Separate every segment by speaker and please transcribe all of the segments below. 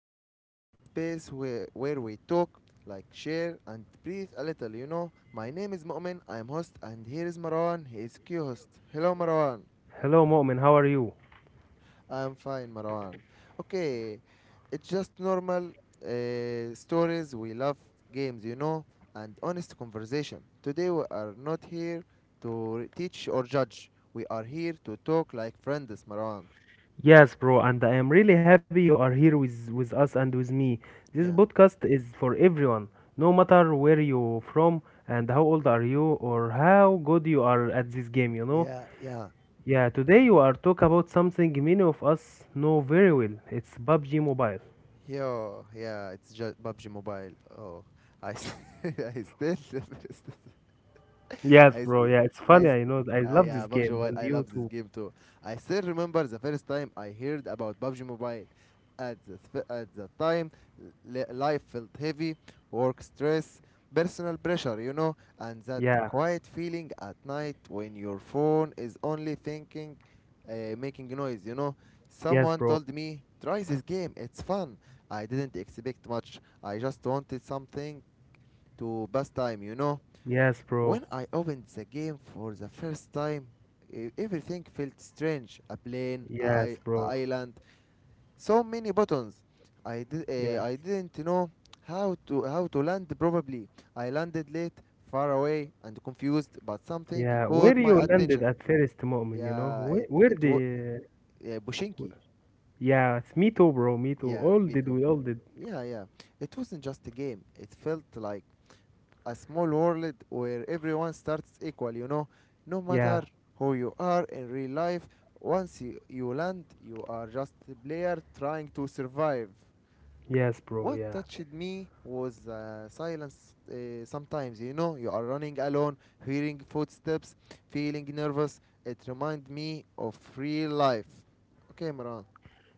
Speaker 1: listening to a calm space where we talk, like share, and breathe a little. My name is Mu'min, I am host, and here is Marwan, he is co host. Hello, Marwan.
Speaker 2: Hello, Mu'min. How are you?
Speaker 1: I am fine, Marwan. Okay, it's just normal stories. We love games, and honest conversation. Today, we are not here to teach or judge, we are here to talk like friends, Marwan.
Speaker 2: Yes, bro, and I am really happy you are here with us and with me. This
Speaker 1: Yeah.
Speaker 2: podcast is for everyone, no matter where you from and how old are you or how good you are at this game, you know?
Speaker 1: Yeah, yeah.
Speaker 2: Yeah, today you are talk about something many of us know very well. It's PUBG Mobile.
Speaker 1: Yo, yeah, it's just PUBG Mobile. Oh, I, s- I still
Speaker 2: Yes,
Speaker 1: I, s-
Speaker 2: bro. Yeah, it's
Speaker 1: I,
Speaker 2: funny.
Speaker 1: s-
Speaker 2: I know. I love
Speaker 1: yeah,
Speaker 2: this
Speaker 1: PUBG
Speaker 2: game
Speaker 1: Mobile.
Speaker 2: and
Speaker 1: I love
Speaker 2: you
Speaker 1: this
Speaker 2: too.
Speaker 1: game too. I still remember the first time I heard about PUBG Mobile. At the time, life felt heavy, work stress, personal pressure, and that
Speaker 2: Yeah.
Speaker 1: quiet feeling at night when your phone is only thinking, making noise.
Speaker 2: Yes,
Speaker 1: Someone
Speaker 2: bro.
Speaker 1: told me, try this game, it's fun. I didn't expect much. I just wanted something to pass time.
Speaker 2: Yes, bro.
Speaker 1: When I opened the game for the first time, everything felt strange. A plane,
Speaker 2: Yes,
Speaker 1: a
Speaker 2: bro.
Speaker 1: island, so many buttons.
Speaker 2: Yes.
Speaker 1: I didn't know how to land properly. I landed late, far away, and confused. But something
Speaker 2: Yeah, where
Speaker 1: caught my
Speaker 2: you landed
Speaker 1: attention.
Speaker 2: at first, Mu'min, you know?
Speaker 1: Yeah,
Speaker 2: Where,
Speaker 1: it
Speaker 2: where
Speaker 1: it was
Speaker 2: the...
Speaker 1: Bushinki.
Speaker 2: w- yeah, it's me too, bro, me too.
Speaker 1: Yeah,
Speaker 2: All
Speaker 1: me
Speaker 2: did,
Speaker 1: too.
Speaker 2: we all did.
Speaker 1: Yeah, yeah. It wasn't just a game. It felt like a small world where everyone starts equal, no matter
Speaker 2: Yeah,
Speaker 1: who you are in real life. Once you land, you are just a player trying to survive. What
Speaker 2: yeah.
Speaker 1: touched me was silence sometimes, you are running alone, hearing footsteps, feeling nervous. It reminds me of real life. Okay, Maran.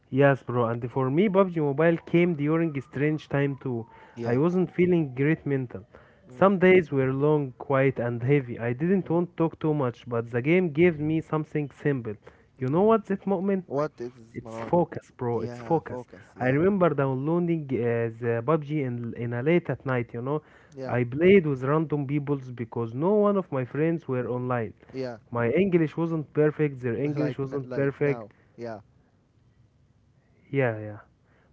Speaker 2: Yes, bro, and for me, PUBG Mobile came during a strange time too. I
Speaker 1: Yeah.
Speaker 2: wasn't feeling great mental.
Speaker 1: Mm,
Speaker 2: Some days were long, quiet, and heavy. I didn't
Speaker 1: mm,
Speaker 2: want to talk too much, but the game gave me something simple. You
Speaker 1: mm.
Speaker 2: know what's it, Mu'min?
Speaker 1: What is this,
Speaker 2: It's
Speaker 1: Maran?
Speaker 2: focus, bro. It's
Speaker 1: Yeah,
Speaker 2: focus.
Speaker 1: focus.
Speaker 2: I
Speaker 1: Yeah.
Speaker 2: remember downloading the PUBG in a late at night. You know,
Speaker 1: Yeah,
Speaker 2: I played with random peoples because no one of my friends were online.
Speaker 1: yeah.
Speaker 2: My English wasn't perfect. Their English wasn't
Speaker 1: Like now,
Speaker 2: perfect.
Speaker 1: yeah.
Speaker 2: Yeah, yeah.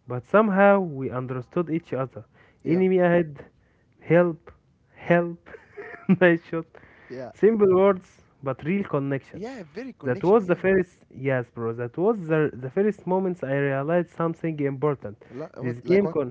Speaker 2: But somehow we understood each other.
Speaker 1: Yeah,
Speaker 2: Enemy ahead, help, help, nice shot.
Speaker 1: yeah,
Speaker 2: Simple words, but real connection.
Speaker 1: yeah, Very
Speaker 2: That
Speaker 1: connection,
Speaker 2: was the
Speaker 1: yeah.
Speaker 2: first, yes, bro. That was the first moments I realized something important.
Speaker 1: What
Speaker 2: This
Speaker 1: like
Speaker 2: game
Speaker 1: what,
Speaker 2: con,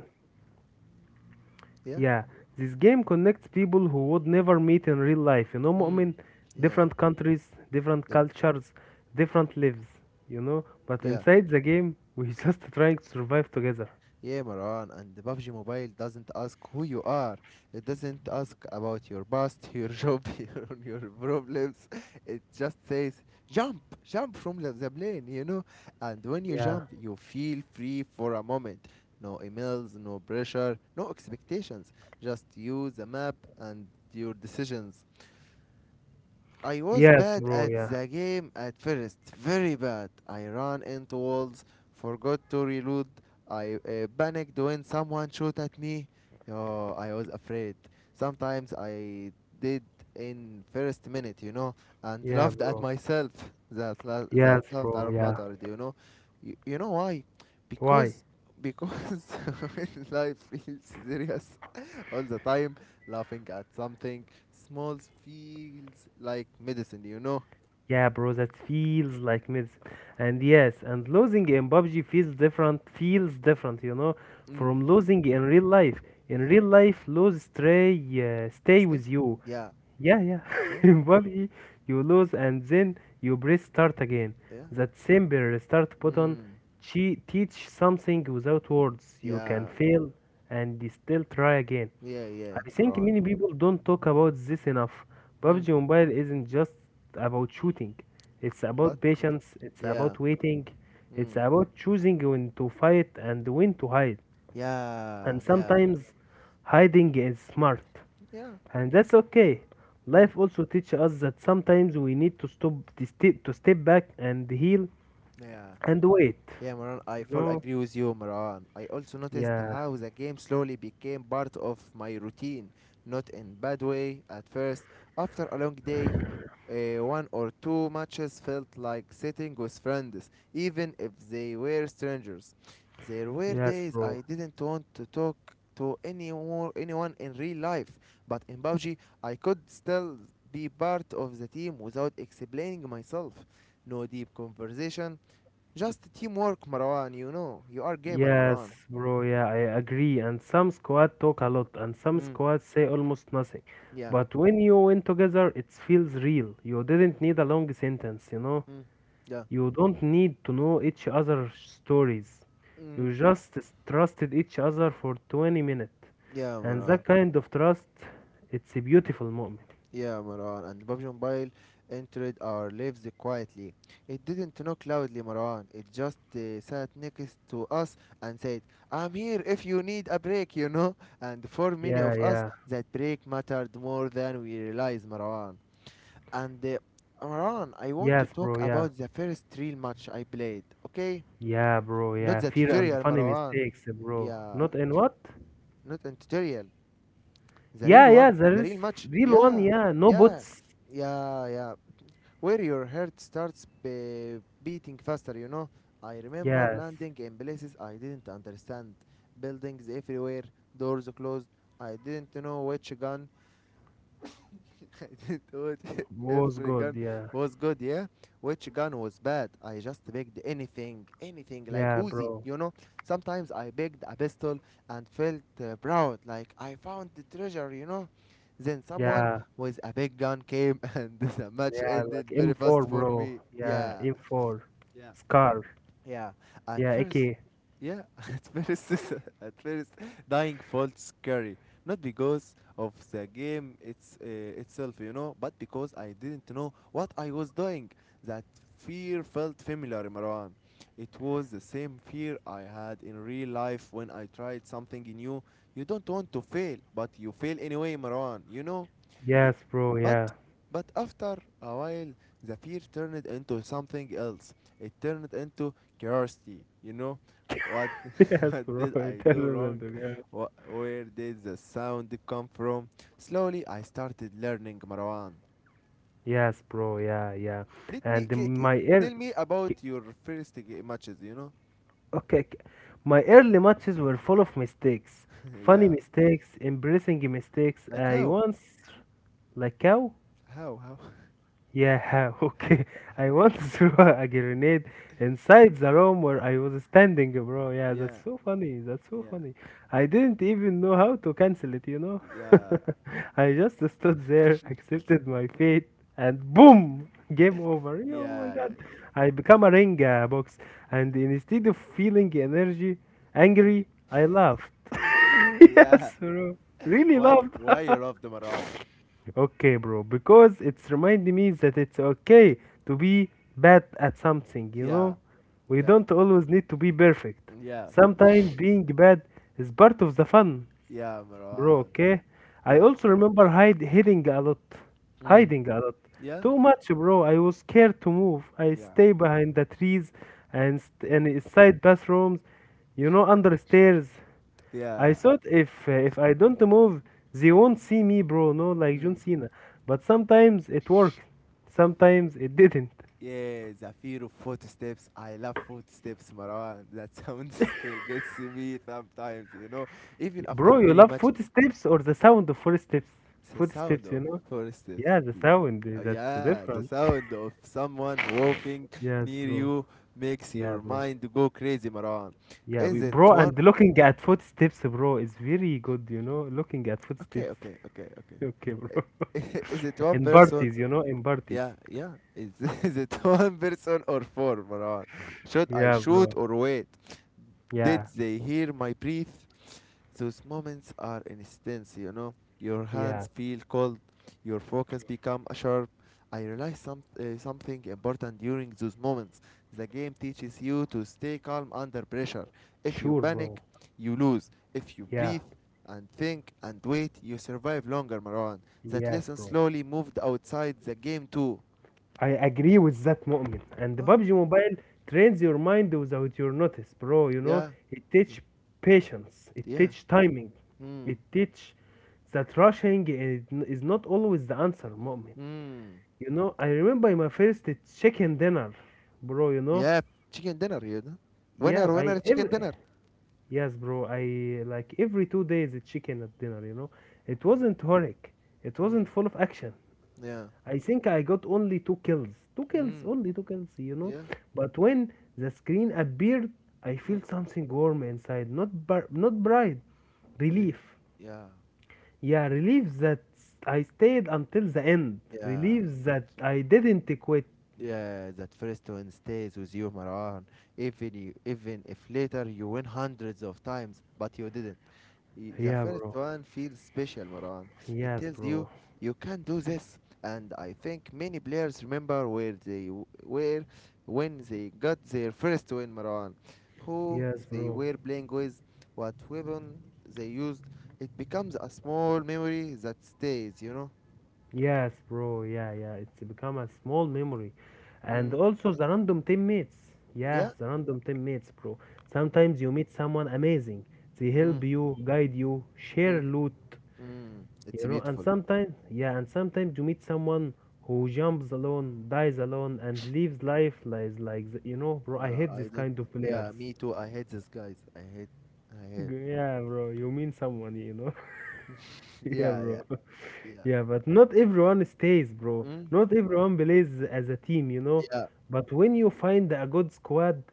Speaker 1: yeah.
Speaker 2: yeah, this game connects people who would never meet in real life. You know,
Speaker 1: Mm,
Speaker 2: Mu'min,
Speaker 1: yeah.
Speaker 2: different countries, different
Speaker 1: Dev-
Speaker 2: cultures, different lives. You know, but
Speaker 1: yeah,
Speaker 2: inside the game, we just trying to survive together.
Speaker 1: yeah, Maran, and the PUBG Mobile doesn't ask who you are, it doesn't ask about your past, your job, your problems. It just says jump from the plane. And when you
Speaker 2: Yeah.
Speaker 1: jump, you feel free for a moment. No emails, no pressure, no expectations, just you, the map, and your decisions. I was
Speaker 2: Yes,
Speaker 1: bad
Speaker 2: bro.
Speaker 1: at
Speaker 2: Yeah.
Speaker 1: the game at first, very bad. I ran into walls, forgot to reload. I panicked when someone shot at me. Oh, I was afraid. Sometimes I did in first minute, and
Speaker 2: Yeah,
Speaker 1: laughed at
Speaker 2: bro.
Speaker 1: myself. That
Speaker 2: Yes, bro.
Speaker 1: laughter
Speaker 2: Yeah.
Speaker 1: mattered, you know. You know why?
Speaker 2: Why?
Speaker 1: Because because when life feels serious, all the time, laughing at something small feels like medicine.
Speaker 2: Yeah, bro. That feels like medicine. And yes, and losing in PUBG feels different. Feels different, you know,
Speaker 1: Mm.
Speaker 2: from losing in real life. In
Speaker 1: Yeah.
Speaker 2: real life, stay
Speaker 1: Este?
Speaker 2: with you.
Speaker 1: Yeah.
Speaker 2: Yeah, yeah.
Speaker 1: No?
Speaker 2: Probably you lose and then you press start again.
Speaker 1: Yeah.
Speaker 2: That simple restart button
Speaker 1: Mm.
Speaker 2: teach something without words. You can
Speaker 1: Yeah.
Speaker 2: fail and still try again.
Speaker 1: Yeah, yeah,
Speaker 2: I think
Speaker 1: Maran.
Speaker 2: many people don't talk about this enough.
Speaker 1: Mm.
Speaker 2: PUBG Mobile isn't just about shooting. It's about
Speaker 1: But, mm.
Speaker 2: patience, it's about
Speaker 1: Yeah.
Speaker 2: waiting, it's
Speaker 1: Mm.
Speaker 2: about choosing when to fight and when to hide. And
Speaker 1: Yeah. Yeah.
Speaker 2: sometimes hiding is smart.
Speaker 1: Yeah.
Speaker 2: And that's okay.
Speaker 1: Mm.
Speaker 2: Life also teaches us that sometimes we need to step back and heal
Speaker 1: Yeah.
Speaker 2: and wait.
Speaker 1: Yeah, Maran, I
Speaker 2: You
Speaker 1: full
Speaker 2: know?
Speaker 1: agree with you, Maran. I also noticed
Speaker 2: Yeah.
Speaker 1: how the game slowly became part of my routine, not in bad way at first. After a long day, one or two matches felt like sitting with friends, even if they were strangers. There were
Speaker 2: Yes,
Speaker 1: days
Speaker 2: bro.
Speaker 1: I didn't want to talk to anyone in real life, but in Bauji, I could still be part of the team without explaining myself. No deep conversation, just teamwork, Marwan. You are gamer, Marwan.
Speaker 2: Yes, bro. Yeah, I agree. And some squad talk a lot, and some
Speaker 1: Mm.
Speaker 2: squad say almost nothing.
Speaker 1: Yeah.
Speaker 2: But when you win together, it feels real. You didn't need a long sentence, you know?
Speaker 1: Mm. Yeah.
Speaker 2: You don't need to know each other's stories. You
Speaker 1: Mm.
Speaker 2: just trusted each other for 20 minutes.
Speaker 1: Yeah,
Speaker 2: And
Speaker 1: Marwan.
Speaker 2: that kind of trust, it's a beautiful moment.
Speaker 1: Yeah, Marwan. And PUBG Mobile entered our lives quietly. It didn't knock loudly, Marwan. It just sat next to us and said, "I'm here if you need a break," you know. And for many
Speaker 2: Yeah,
Speaker 1: of us,
Speaker 2: yeah.
Speaker 1: that break mattered more than we realized, Marwan. And Marwan, I want to
Speaker 2: Yes,
Speaker 1: talk
Speaker 2: bro, yeah.
Speaker 1: about the first real match I played. Okay.
Speaker 2: Yeah, bro,
Speaker 1: Not
Speaker 2: yeah.
Speaker 1: the
Speaker 2: Fear and
Speaker 1: tutorial,
Speaker 2: funny
Speaker 1: Marwan.
Speaker 2: mistakes, bro.
Speaker 1: Yeah,
Speaker 2: Not in what?
Speaker 1: not a tutorial. The
Speaker 2: Yeah,
Speaker 1: real
Speaker 2: yeah,
Speaker 1: one,
Speaker 2: there
Speaker 1: the
Speaker 2: is
Speaker 1: real match.
Speaker 2: real one,
Speaker 1: Yeah,
Speaker 2: yeah. No
Speaker 1: yeah,
Speaker 2: bots.
Speaker 1: yeah, yeah. Where your heart starts beating faster. I remember
Speaker 2: Yes.
Speaker 1: landing in places I didn't understand, buildings everywhere, doors closed. I didn't know which gun I didn't watch
Speaker 2: Was
Speaker 1: every
Speaker 2: good,
Speaker 1: gun
Speaker 2: yeah.
Speaker 1: was good, yeah? Which gun was bad? I just picked anything like
Speaker 2: Yeah,
Speaker 1: Uzi,
Speaker 2: bro.
Speaker 1: you know? Sometimes I picked a pistol and felt proud, like I found the treasure. Then someone
Speaker 2: Yeah.
Speaker 1: with a big gun came and the match
Speaker 2: Yeah,
Speaker 1: ended
Speaker 2: like
Speaker 1: very
Speaker 2: M4,
Speaker 1: fast for
Speaker 2: bro.
Speaker 1: me.
Speaker 2: Yeah,
Speaker 1: Yeah.
Speaker 2: M4. Scar.
Speaker 1: Yeah, at
Speaker 2: Yeah,
Speaker 1: first,
Speaker 2: AK.
Speaker 1: yeah, at first, at first, dying felt scary. Not because of the game it's itself, but because I didn't know what I was doing. That fear felt familiar, Marwan. It was the same fear I had in real life when I tried something new. You don't want to fail, but you fail anyway, Marwan. You know, you,
Speaker 2: Yes, bro.
Speaker 1: but
Speaker 2: Yeah.
Speaker 1: but after a while, the fear turned into something else. It turned into curiosity. What
Speaker 2: Yes,
Speaker 1: what
Speaker 2: bro.
Speaker 1: did I do
Speaker 2: Eternal and
Speaker 1: wrong?
Speaker 2: the God.
Speaker 1: Wha Where did the sound come from? Slowly, I started learning, Marwan.
Speaker 2: Yes, bro. Yeah, yeah.
Speaker 1: Let me
Speaker 2: And my ear.
Speaker 1: tell me
Speaker 2: K-
Speaker 1: about your first matches?
Speaker 2: Okay, k- my early matches were full of mistakes, funny
Speaker 1: yeah,
Speaker 2: mistakes, embarrassing mistakes.
Speaker 1: like
Speaker 2: I
Speaker 1: how?
Speaker 2: once like cow.
Speaker 1: How? How?
Speaker 2: Yeah, okay. I once threw a grenade inside the room where I was standing, bro. Yeah, that's
Speaker 1: yeah,
Speaker 2: so funny. That's so
Speaker 1: yeah,
Speaker 2: funny. I didn't even know how to cancel it, you know?
Speaker 1: yeah,
Speaker 2: I just stood there, accepted my fate, and boom! Game over. Oh my
Speaker 1: yeah, yeah.
Speaker 2: god. I become a ring box, and instead of feeling energy,
Speaker 1: Angel.
Speaker 2: angry, I laughed.
Speaker 1: Yeah.
Speaker 2: Yes, bro. Really
Speaker 1: Why?
Speaker 2: laughed.
Speaker 1: Why you love the Marwan?
Speaker 2: Okay, bro, because it's reminding me that it's okay to be bad at something, you
Speaker 1: Yeah,
Speaker 2: know? We
Speaker 1: yeah,
Speaker 2: don't always need to be perfect.
Speaker 1: yeah,
Speaker 2: Sometimes being bad is part of the fun.
Speaker 1: yeah,
Speaker 2: Bro,
Speaker 1: Marwan.
Speaker 2: okay. I
Speaker 1: Yeah.
Speaker 2: also remember hide hiding a lot.
Speaker 1: Mm.
Speaker 2: Hiding a lot.
Speaker 1: Yeah,
Speaker 2: Too much, bro. I was scared to move. I
Speaker 1: yeah,
Speaker 2: stay behind the trees and inside bathrooms, you know, under stairs. I
Speaker 1: yeah.
Speaker 2: thought if I don't move, they won't see me, bro. No, like John
Speaker 1: Mm.
Speaker 2: Cena. But sometimes it worked. Sometimes it didn't.
Speaker 1: Yeah, the fear of footsteps. I love footsteps, Marwan. That sound still gets me sometimes. Even after
Speaker 2: Bro, you
Speaker 1: many
Speaker 2: love
Speaker 1: matches,
Speaker 2: footsteps or the sound of footsteps?
Speaker 1: the sound
Speaker 2: Footsteps,
Speaker 1: of
Speaker 2: you know?
Speaker 1: footsteps.
Speaker 2: Yeah, the
Speaker 1: is-
Speaker 2: sound, eh, that's
Speaker 1: Yeah, the
Speaker 2: different.
Speaker 1: sound of someone walking
Speaker 2: Yes,
Speaker 1: near
Speaker 2: bro.
Speaker 1: you makes
Speaker 2: Yeah,
Speaker 1: your
Speaker 2: bro.
Speaker 1: mind go crazy, Marwan.
Speaker 2: Yeah, we,
Speaker 1: Is it
Speaker 2: bro,
Speaker 1: one?
Speaker 2: and looking at footsteps, bro, is very good, you know, looking at
Speaker 1: Okay,
Speaker 2: footsteps.
Speaker 1: okay, okay, okay.
Speaker 2: Okay, bro.
Speaker 1: Eh, is it one
Speaker 2: In
Speaker 1: person?
Speaker 2: parties, you know, in parties.
Speaker 1: Yeah, yeah. Is, is it one person or four, Marwan? Should I
Speaker 2: Yeah,
Speaker 1: shoot
Speaker 2: bro.
Speaker 1: or wait? Did
Speaker 2: Yeah,
Speaker 1: they hear my breath? Those moments are instants, you know. Your
Speaker 2: yeah.
Speaker 1: hands feel cold. Your focus become sharp. I realized something important during those moments. The game teaches you to stay calm under pressure. If you
Speaker 2: Sure, bro.
Speaker 1: panic, you lose. If you
Speaker 2: Yeah,
Speaker 1: breathe and think and wait, you survive longer, Marwan. That
Speaker 2: yes,
Speaker 1: lesson
Speaker 2: bro.
Speaker 1: slowly moved outside the game too.
Speaker 2: I agree with that, moment. And the
Speaker 1: Uh,
Speaker 2: PUBG Mobile trains your mind without your notice, bro. You know,
Speaker 1: yeah,
Speaker 2: it teach
Speaker 1: yeah,
Speaker 2: patience, it
Speaker 1: yeah.
Speaker 2: teach timing,
Speaker 1: Mm,
Speaker 2: it teach that rushing is not always the answer, moment.
Speaker 1: mm.
Speaker 2: You know, I remember my first chicken dinner, bro, you know?
Speaker 1: Yeah, chicken dinner.
Speaker 2: Yeah,
Speaker 1: Winner,
Speaker 2: I
Speaker 1: winner, chicken
Speaker 2: every
Speaker 1: dinner.
Speaker 2: Yes, bro, I like every 2 days a chicken at dinner, you know? It
Speaker 1: Mm,
Speaker 2: wasn't horric. It
Speaker 1: mm,
Speaker 2: wasn't full of action.
Speaker 1: yeah,
Speaker 2: I think I got only two kills. Two kills,
Speaker 1: mm,
Speaker 2: only two kills, you know?
Speaker 1: yeah,
Speaker 2: But when the screen appeared, I
Speaker 1: mm.
Speaker 2: felt something warm inside, not bright,
Speaker 1: Re-
Speaker 2: relief.
Speaker 1: Yeah,
Speaker 2: Yeah, relief that I stayed until the end.
Speaker 1: yeah.
Speaker 2: Relief that I didn't quit.
Speaker 1: Yeah, that first one stays with you, Marwan. Even if later you win hundreds of times, but you didn't. The
Speaker 2: Yeah,
Speaker 1: first
Speaker 2: bro.
Speaker 1: one feels special, Marwan. It
Speaker 2: Yes,
Speaker 1: tells you
Speaker 2: bro.
Speaker 1: you can do this, and I think many players remember where they were when they got their first win, Marwan. Who
Speaker 2: Yes,
Speaker 1: they
Speaker 2: bro.
Speaker 1: were playing with, what weapon they used. It becomes a small memory that stays.
Speaker 2: Yes, bro. Yeah, yeah. It's become a small memory. And
Speaker 1: Mm,
Speaker 2: also the random teammates. Yeah,
Speaker 1: yeah.
Speaker 2: the random teammates, bro.
Speaker 1: Mm,
Speaker 2: Sometimes you meet someone amazing. They help
Speaker 1: mm,
Speaker 2: you, guide you, share
Speaker 1: mm.
Speaker 2: loot,
Speaker 1: Mm, it's
Speaker 2: you know. And
Speaker 1: beautiful.
Speaker 2: sometimes, yeah, and sometimes you meet someone who jumps alone, dies alone, and lives life like the, you know, bro. I hate
Speaker 1: I
Speaker 2: this
Speaker 1: don't.
Speaker 2: kind of players.
Speaker 1: Yeah, me too. I hate these guys. I hate. I hate.
Speaker 2: G- yeah, bro, you mean someone, you know? Yeah,
Speaker 1: Yeah, yeah,
Speaker 2: bro.
Speaker 1: yeah.
Speaker 2: Yeah, but not everyone stays, bro.
Speaker 1: Mm,
Speaker 2: Not everyone plays as a team, you know?
Speaker 1: yeah.
Speaker 2: But when you find a good squad,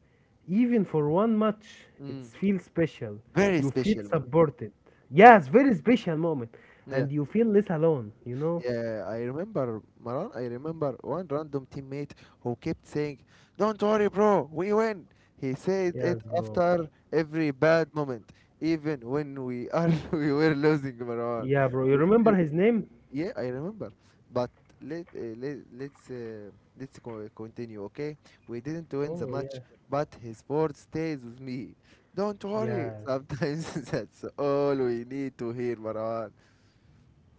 Speaker 2: even for one match, it
Speaker 1: Mm.
Speaker 2: feels special.
Speaker 1: Very
Speaker 2: You feel
Speaker 1: special, man.
Speaker 2: supported.
Speaker 1: Mm,
Speaker 2: Yes, very special moment.
Speaker 1: yeah,
Speaker 2: And you feel less alone, you know?
Speaker 1: yeah. I remember, Maran. I remember one random teammate who kept saying, "Don't worry, bro. We win." He said it
Speaker 2: Yes, bro.
Speaker 1: after every bad moment, even when we are we were losing, Maran.
Speaker 2: Yeah, bro. You
Speaker 1: We
Speaker 2: remember his name?
Speaker 1: Yeah, I remember. But let uh, let let's uh, let's continue, okay? We didn't win the
Speaker 2: Oh, yeah.
Speaker 1: match, but his word stays with me. Don't worry.
Speaker 2: Yeah.
Speaker 1: Sometimes that's all we need to hear, Marwan.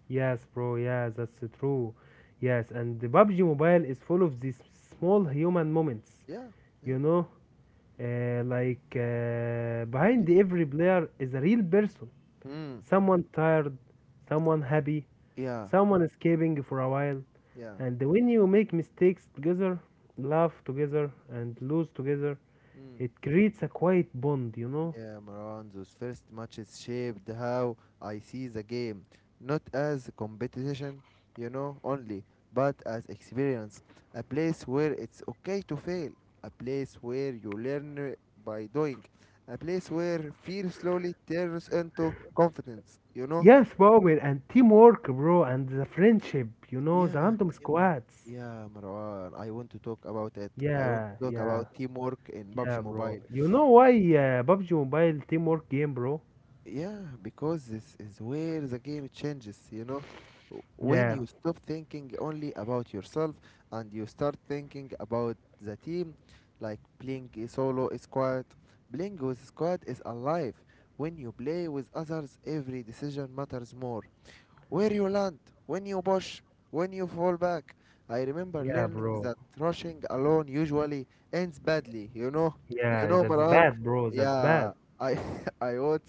Speaker 2: Yes, bro. Yes, that's true. Yes, and the PUBG Mobile is full of these small human moments.
Speaker 1: Yeah, yeah.
Speaker 2: You know, like
Speaker 1: Be-
Speaker 2: behind every player is a real person.
Speaker 1: Hmm.
Speaker 2: Someone tired, someone happy,
Speaker 1: Yeah,
Speaker 2: someone escaping for a while.
Speaker 1: yeah.
Speaker 2: And when you make mistakes together, laugh together, and lose together,
Speaker 1: Hmm.
Speaker 2: it creates a quiet bond. You know.
Speaker 1: Yeah, Maran, those first matches shaped how I see the game, not as competition, only, but as experience. A place where it's okay to fail, a place where you learn by doing, a place where fear slowly turns into confidence.
Speaker 2: Yes, Bowman, and teamwork, bro, and the friendship. You know,
Speaker 1: Yeah,
Speaker 2: the random
Speaker 1: teamwork.
Speaker 2: squads.
Speaker 1: Yeah, Marwan, I want to talk about it. I want
Speaker 2: Yeah,
Speaker 1: to talk about
Speaker 2: yeah,
Speaker 1: teamwork in PUBG
Speaker 2: yeah, bro.
Speaker 1: Mobile.
Speaker 2: You know why PUBG Mobile teamwork game, bro?
Speaker 1: Yeah, because this is where the game changes. When
Speaker 2: Yeah,
Speaker 1: you stop thinking only about yourself and you start thinking about the team, like playing a solo is squad, playing with squad is alive. When you play with others, every decision matters more, where you land, when you push, when you fall back. I remember
Speaker 2: yeah,
Speaker 1: learning
Speaker 2: bro.
Speaker 1: that rushing alone usually ends badly.
Speaker 2: Yeah, that's
Speaker 1: Maran.
Speaker 2: bad, bro. That's
Speaker 1: Yeah,
Speaker 2: bad.
Speaker 1: I, I want,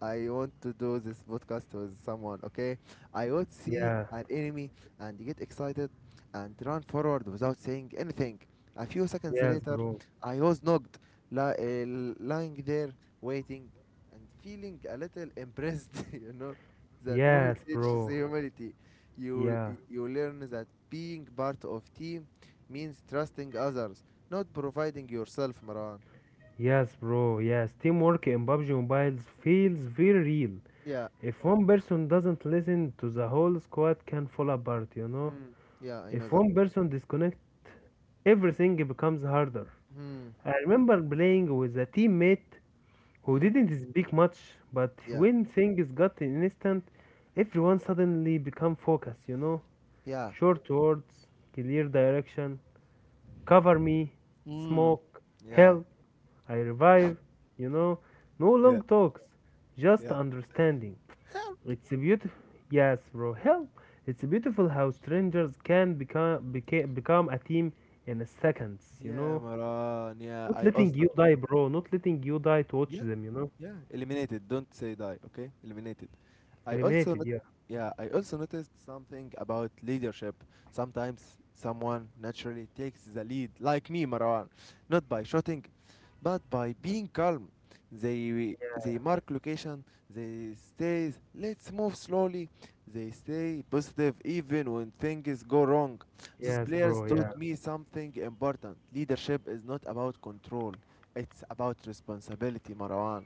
Speaker 1: I want to do this podcast with someone. Okay, I would see
Speaker 2: Yeah,
Speaker 1: an enemy and get excited and run forward without saying anything. A few seconds
Speaker 2: yes,
Speaker 1: later,
Speaker 2: bro.
Speaker 1: I was knocked, lying there waiting and feeling a little impressed. You know that moment
Speaker 2: Yes,
Speaker 1: teaches
Speaker 2: bro.
Speaker 1: humility. You
Speaker 2: Yeah,
Speaker 1: you learn that being part of team means trusting others, not providing yourself, Maran.
Speaker 2: yes, bro. Yes, teamwork in PUBG Mobile feels very real.
Speaker 1: Yeah.
Speaker 2: If one person doesn't listen to the whole squad can fall apart, you know?
Speaker 1: Mm. Yeah, I know
Speaker 2: If
Speaker 1: that.
Speaker 2: one person disconnect everything becomes harder.
Speaker 1: Hmm.
Speaker 2: I remember playing with a teammate who
Speaker 1: Hmm.
Speaker 2: didn't speak much, but
Speaker 1: Yeah.
Speaker 2: when things got instant, everyone suddenly became focused, you know?
Speaker 1: Yeah.
Speaker 2: Short words, clear direction, cover me,
Speaker 1: Mm.
Speaker 2: smoke,
Speaker 1: Yeah.
Speaker 2: help, I revive, you know? No
Speaker 1: Yeah.
Speaker 2: long talks, just
Speaker 1: Yeah.
Speaker 2: understanding. It's a beautiful, yes, bro, help! It's beautiful how strangers can become, become a team in seconds, you
Speaker 1: Yeah,
Speaker 2: know?
Speaker 1: Maran. Yeah,
Speaker 2: Not
Speaker 1: I
Speaker 2: letting
Speaker 1: also.
Speaker 2: you die, bro, not letting you die to watch
Speaker 1: Yeah.
Speaker 2: them, you know?
Speaker 1: Yeah, eliminated. Don't say die, okay? Eliminated. I also
Speaker 2: Eliminated,
Speaker 1: not
Speaker 2: yeah.
Speaker 1: yeah, I also noticed something about leadership. Sometimes someone naturally takes the lead, like me, Marwan, not by shouting, but by being calm. They mark location, they say, let's move slowly. They stay positive even when things go wrong. These
Speaker 2: Yes,
Speaker 1: players
Speaker 2: bro. Yeah.
Speaker 1: taught me something important. Leadership is not about control. It's about responsibility, Marwan.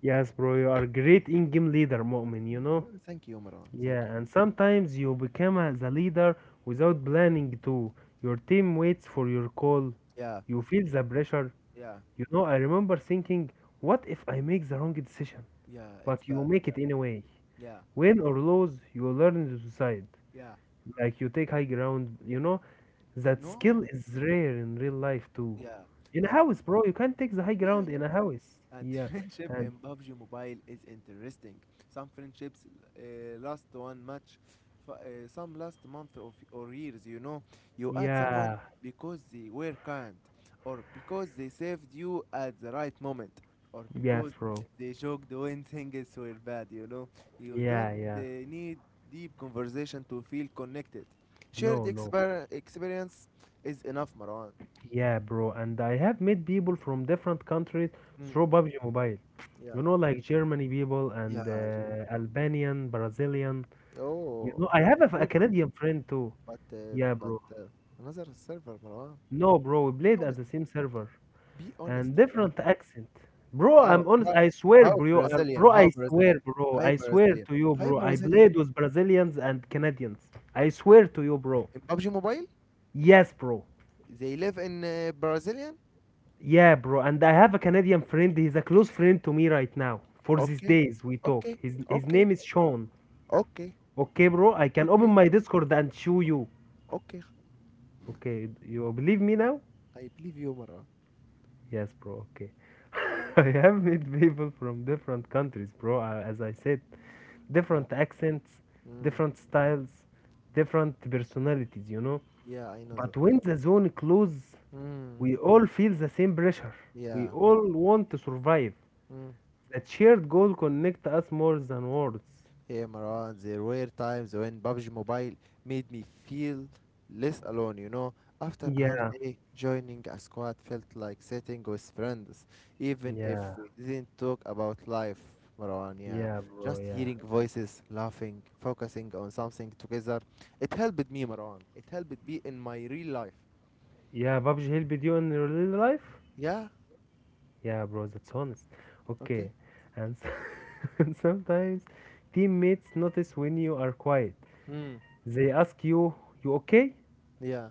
Speaker 2: Yes, bro. You are great in-game leader, Mu'min, you know?
Speaker 1: Thank you, Maran.
Speaker 2: Yeah,
Speaker 1: Thank you.
Speaker 2: and sometimes you become the leader without planning to. Your team waits for your call.
Speaker 1: Yeah,
Speaker 2: You feel the pressure.
Speaker 1: yeah,
Speaker 2: You know, I remember thinking, what if I make the wrong decision?
Speaker 1: yeah. It's
Speaker 2: But you
Speaker 1: bad.
Speaker 2: make
Speaker 1: Yeah,
Speaker 2: it anyway.
Speaker 1: yeah,
Speaker 2: Win or lose, you learn to decide.
Speaker 1: yeah.
Speaker 2: Like you take high ground, you know? That skill
Speaker 1: No,
Speaker 2: is rare in real life too.
Speaker 1: yeah.
Speaker 2: In a
Speaker 1: Like,
Speaker 2: house, bro, you can't take the high
Speaker 1: yeah,
Speaker 2: ground in a
Speaker 1: yeah.
Speaker 2: house.
Speaker 1: And
Speaker 2: Yeah.
Speaker 1: friendship in PUBG Mobile is interesting. Some friendships last one match, some last month of or years. You know, you add someone
Speaker 2: Yeah,
Speaker 1: because they were kind, or because they saved you at the right moment, or
Speaker 2: yes,
Speaker 1: because
Speaker 2: bro.
Speaker 1: they joked when things were bad. You know, you
Speaker 2: Yeah,
Speaker 1: don't
Speaker 2: yeah.
Speaker 1: need deep conversation to feel connected. Shared
Speaker 2: No, no.
Speaker 1: exper- experience is enough, Marwan.
Speaker 2: Yeah, bro. And I have met people from different countries
Speaker 1: Mm,
Speaker 2: through PUBG Mobile.
Speaker 1: yeah.
Speaker 2: You know, like Germany people
Speaker 1: Yeah.
Speaker 2: and
Speaker 1: Jim.
Speaker 2: Albanian, Brazilian. You know,
Speaker 1: Oh,
Speaker 2: I have a Canadian friend too.
Speaker 1: But uh,
Speaker 2: Yeah,
Speaker 1: but
Speaker 2: bro.
Speaker 1: uh, another server, Marwan.
Speaker 2: No, bro. We
Speaker 1: Be
Speaker 2: played at
Speaker 1: honest.
Speaker 2: the same server
Speaker 1: Be honest,
Speaker 2: and
Speaker 1: Marwan.
Speaker 2: different accent. Bro,
Speaker 1: How
Speaker 2: I'm honest.
Speaker 1: how
Speaker 2: I swear,
Speaker 1: how
Speaker 2: bro.
Speaker 1: Brazilian? How Brazilian?
Speaker 2: Bro.
Speaker 1: Hi
Speaker 2: I swear
Speaker 1: Brazilian.
Speaker 2: to you,
Speaker 1: Hi
Speaker 2: bro. I
Speaker 1: Brazilian.
Speaker 2: played with Brazilians and Canadians. I swear to you, bro.
Speaker 1: In PUBG Mobile,
Speaker 2: Yes, bro.
Speaker 1: they live in Brazilian.
Speaker 2: Yeah, bro. And I have a Canadian friend. He's a close friend to me right now. For these
Speaker 1: Okay,
Speaker 2: days, we talk.
Speaker 1: okay,
Speaker 2: His
Speaker 1: okay,
Speaker 2: name is Sean.
Speaker 1: okay,
Speaker 2: Okay, bro. I can open
Speaker 1: okay,
Speaker 2: my Discord and show you.
Speaker 1: okay.
Speaker 2: Okay, you believe me now?
Speaker 1: I believe you, Marwan.
Speaker 2: Yes, bro. Okay. I have met people from different countries, bro. As I said,
Speaker 1: Yeah.
Speaker 2: different accents,
Speaker 1: Mm.
Speaker 2: different styles, different personalities. You know.
Speaker 1: Yeah, I know that.
Speaker 2: But when the zone closes,
Speaker 1: Mm.
Speaker 2: we all feel the same pressure. We
Speaker 1: Yeah.
Speaker 2: all want to survive.
Speaker 1: Mm.
Speaker 2: That shared goal connect us more than words.
Speaker 1: Hey Marwan, there were times when PUBG Mobile made me feel less alone, you know. After a hard
Speaker 2: Yeah,
Speaker 1: day, joining a squad felt like sitting with friends, even if
Speaker 2: yeah,
Speaker 1: we didn't talk about life, Marwan, yeah.
Speaker 2: yeah, bro,
Speaker 1: Just
Speaker 2: yeah.
Speaker 1: hearing voices, laughing, focusing on something together. It helped me, Marwan. It helped me in my real life.
Speaker 2: Yeah, PUBG helped you in your real life?
Speaker 1: Yeah?
Speaker 2: Yeah, bro, that's honest.
Speaker 1: Okay.
Speaker 2: Okay, and, and sometimes teammates notice when you are quiet.
Speaker 1: Hmm.
Speaker 2: They ask you, you okay?
Speaker 1: Yeah.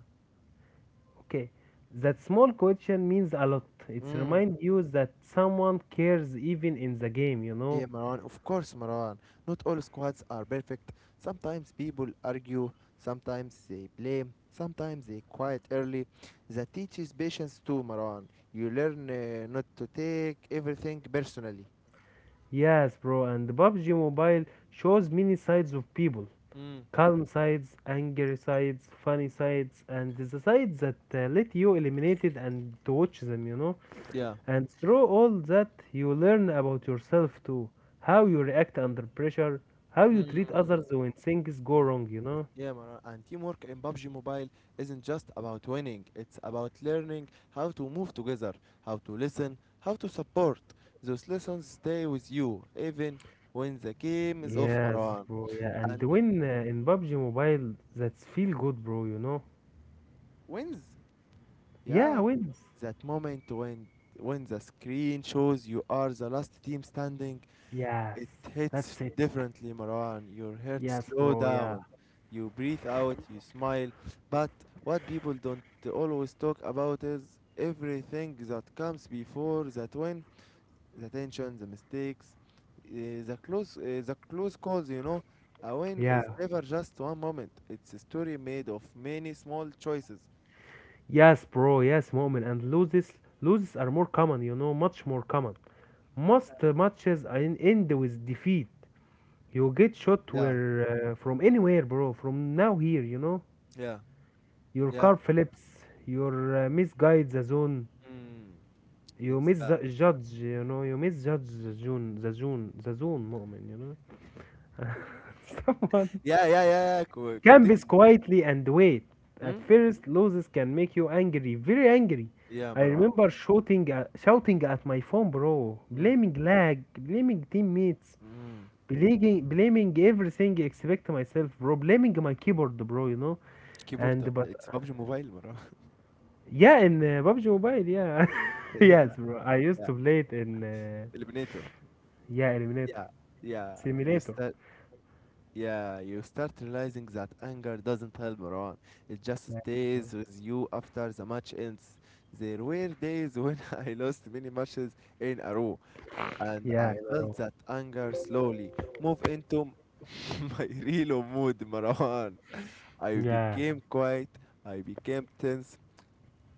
Speaker 2: Okay. That small question means a lot. It's
Speaker 1: Hmm.
Speaker 2: remind you that someone cares even in the game, you know?
Speaker 1: Yeah, Maran, of course, Maran. Not all squads are perfect. Sometimes people argue, sometimes they blame, sometimes they quiet early. That teaches patience too, Maran. You learn not to take everything personally.
Speaker 2: Yes, bro, and the PUBG Mobile shows many sides of people.
Speaker 1: Mm.
Speaker 2: Calm sides, angry sides, funny sides, and the sides that let you eliminate it and to watch them, you know.
Speaker 1: Yeah.
Speaker 2: And through all that, you learn about yourself too. How you react under pressure, how you
Speaker 1: Mm.
Speaker 2: treat others
Speaker 1: mm.
Speaker 2: when things go wrong, you know.
Speaker 1: Yeah, Maran. And teamwork in PUBG Mobile isn't just about winning, it's about learning how to move together, how to listen, how to support. Those lessons stay with you, even when the game is off,
Speaker 2: Yes,
Speaker 1: Maran.
Speaker 2: bro. Yeah, and the
Speaker 1: And
Speaker 2: win in PUBG Mobile, that's feel good, bro.
Speaker 1: wins,
Speaker 2: Yeah,
Speaker 1: yeah,
Speaker 2: wins.
Speaker 1: that moment when the screen shows you are the last team standing.
Speaker 2: Yes,
Speaker 1: It hits
Speaker 2: that's it.
Speaker 1: differently, Marwan. Your heart
Speaker 2: Yes,
Speaker 1: slow
Speaker 2: bro. Yeah.
Speaker 1: down, you breathe out, you smile. But what people don't always talk about is everything that comes before that win, the tension, the mistakes, the close calls, you know. A win
Speaker 2: Yeah,
Speaker 1: is never just one moment, it's a story made of many small choices.
Speaker 2: yes, bro, yes, moment and loses are more common, you know, much more common. Most end with defeat. You get shot
Speaker 1: Yeah.
Speaker 2: where from anywhere, bro, from now here, you know.
Speaker 1: Yeah,
Speaker 2: Your
Speaker 1: yeah.
Speaker 2: car flips, your misguide the zone,
Speaker 1: Mm.
Speaker 2: you
Speaker 1: It's bad.
Speaker 2: misjudge, you know, you misjudge the zone moment, you know. Someone
Speaker 1: Yeah. Co continue.
Speaker 2: Campus quietly and wait. At
Speaker 1: Mm?
Speaker 2: first, losses can make you angry, very angry.
Speaker 1: Yeah,
Speaker 2: I
Speaker 1: Marwan.
Speaker 2: remember shouting at my phone, bro,
Speaker 1: Mm.
Speaker 2: blaming lag, blaming teammates,
Speaker 1: Mm.
Speaker 2: blaming everything except myself, bro, blaming my keyboard, bro, you know.
Speaker 1: Keyboard.
Speaker 2: And but
Speaker 1: It's PUBG Mobile, Marwan.
Speaker 2: yeah, in PUBG Mobile, yeah,
Speaker 1: Yeah,
Speaker 2: yes, bro. I used
Speaker 1: yeah.
Speaker 2: to play it in
Speaker 1: Eliminator.
Speaker 2: yeah, Eliminator,
Speaker 1: Yeah, yeah. You
Speaker 2: Simulator.
Speaker 1: start. Yeah, you start realizing that anger doesn't help, Marwan. It just
Speaker 2: Yeah,
Speaker 1: stays with you after the match ends. There were days when I lost many matches in a row, and
Speaker 2: yeah,
Speaker 1: I
Speaker 2: I
Speaker 1: felt
Speaker 2: know.
Speaker 1: that anger slowly move into my real mood, Marwan. I
Speaker 2: Yeah,
Speaker 1: became quiet. I became tense.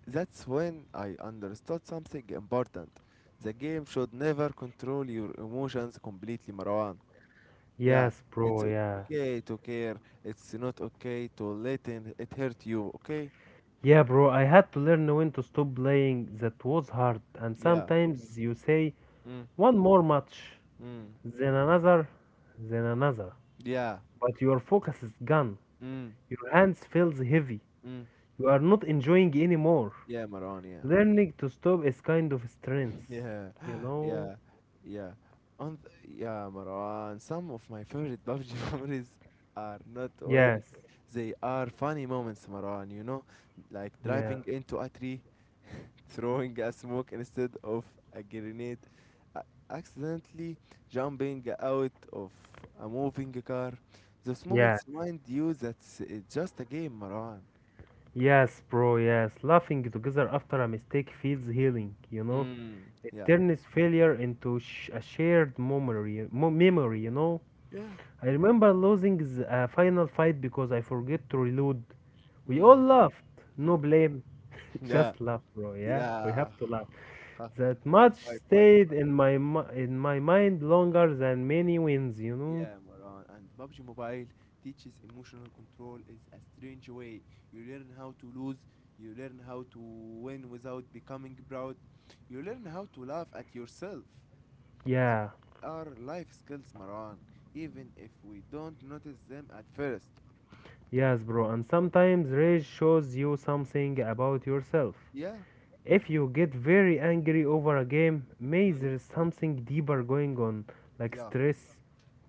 Speaker 1: That's when I understood something important. The game should never control your emotions completely, Marwan. Yeah,
Speaker 2: yes,
Speaker 1: it's
Speaker 2: bro. Yeah,
Speaker 1: okay to care. It's not okay to let it hurt you, okay?
Speaker 2: Yeah, bro, I had to learn when to stop playing. That was hard. And
Speaker 1: Yeah.
Speaker 2: sometimes you say
Speaker 1: Mm,
Speaker 2: one more match,
Speaker 1: mm,
Speaker 2: then another, then another.
Speaker 1: yeah.
Speaker 2: But your focus is gone.
Speaker 1: Mm,
Speaker 2: Your hands feels heavy.
Speaker 1: mm.
Speaker 2: You are not enjoying anymore.
Speaker 1: Yeah, Marwan, yeah.
Speaker 2: Learning to stop is kind of strength,
Speaker 1: Yeah,
Speaker 2: you know?
Speaker 1: yeah, yeah. Yeah, Marwan. Some of my favorite PUBG memories are not wins.
Speaker 2: Yes.
Speaker 1: They are funny moments, Marwan. You know, like
Speaker 2: Yeah.
Speaker 1: driving into a tree, throwing a smoke instead of a grenade, a- accidentally jumping out of a moving car. Those
Speaker 2: Yeah.
Speaker 1: moments remind you that it's just a game, Marwan.
Speaker 2: Yes, bro, yes. Laughing together after a mistake feels healing, you know?
Speaker 1: Mm,
Speaker 2: It
Speaker 1: yeah.
Speaker 2: turns failure into a shared memory, you know?
Speaker 1: Yeah.
Speaker 2: I remember losing the final fight because I forget to reload. We
Speaker 1: Mm.
Speaker 2: all laughed. No blame.
Speaker 1: Yeah.
Speaker 2: Just laugh, bro. Yeah, we
Speaker 1: Yeah.
Speaker 2: have to laugh.
Speaker 1: Ha,
Speaker 2: That
Speaker 1: five,
Speaker 2: match
Speaker 1: five, five,
Speaker 2: stayed in
Speaker 1: five.
Speaker 2: my in my mind longer than many wins, you know?
Speaker 1: Yeah, Maran. And PUBG Mobile teaches emotional control is a strange way. You learn how to lose. You learn how to win without becoming proud. You learn how to laugh at yourself. Those
Speaker 2: Yeah.
Speaker 1: are life skills, Maran. Even if we don't notice them at first.
Speaker 2: Yes, bro. And sometimes rage shows you something about yourself.
Speaker 1: Yeah.
Speaker 2: If you get very angry over a game, maybe
Speaker 1: Mm.
Speaker 2: there's something deeper going on, like
Speaker 1: Yeah.
Speaker 2: stress,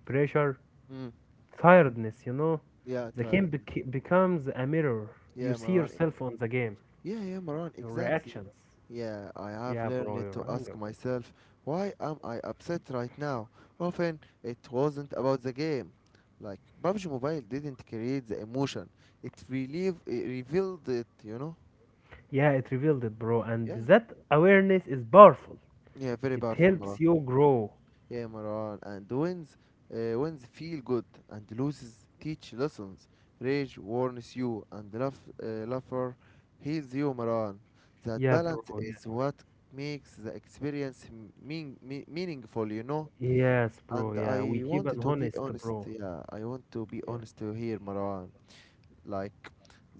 Speaker 2: pressure,
Speaker 1: Mm.
Speaker 2: tiredness, you know?
Speaker 1: Yeah,
Speaker 2: The
Speaker 1: tired.
Speaker 2: becomes a mirror. You
Speaker 1: Yeah,
Speaker 2: see
Speaker 1: Maran.
Speaker 2: yourself on the game,
Speaker 1: Yeah, yeah, Maran,
Speaker 2: your
Speaker 1: exactly.
Speaker 2: reactions.
Speaker 1: Yeah, I have
Speaker 2: Yeah, bro,
Speaker 1: learned to
Speaker 2: your
Speaker 1: ask
Speaker 2: anger.
Speaker 1: myself, why am I upset right now? Often it wasn't about the game. Like, PUBG Mobile didn't create the emotion, it it revealed it, you know?
Speaker 2: Yeah, it revealed it, bro. And
Speaker 1: Yeah,
Speaker 2: that awareness is powerful.
Speaker 1: yeah, very
Speaker 2: It
Speaker 1: powerful,
Speaker 2: helps
Speaker 1: Maran.
Speaker 2: you grow.
Speaker 1: Yeah, Marwan. And wins, wins feel good, and loses teach lessons. Rage warns you, and laughter heals you, Marwan. That
Speaker 2: Yeah, bro.
Speaker 1: balance
Speaker 2: Yeah.
Speaker 1: is what makes the experience meaningful, you know.
Speaker 2: Yes, bro.
Speaker 1: And
Speaker 2: Yeah, we
Speaker 1: I
Speaker 2: keep
Speaker 1: want
Speaker 2: an
Speaker 1: to be
Speaker 2: honest,
Speaker 1: honest.
Speaker 2: bro.
Speaker 1: Yeah, I want to be
Speaker 2: Yeah.
Speaker 1: honest here, Marwan. Like,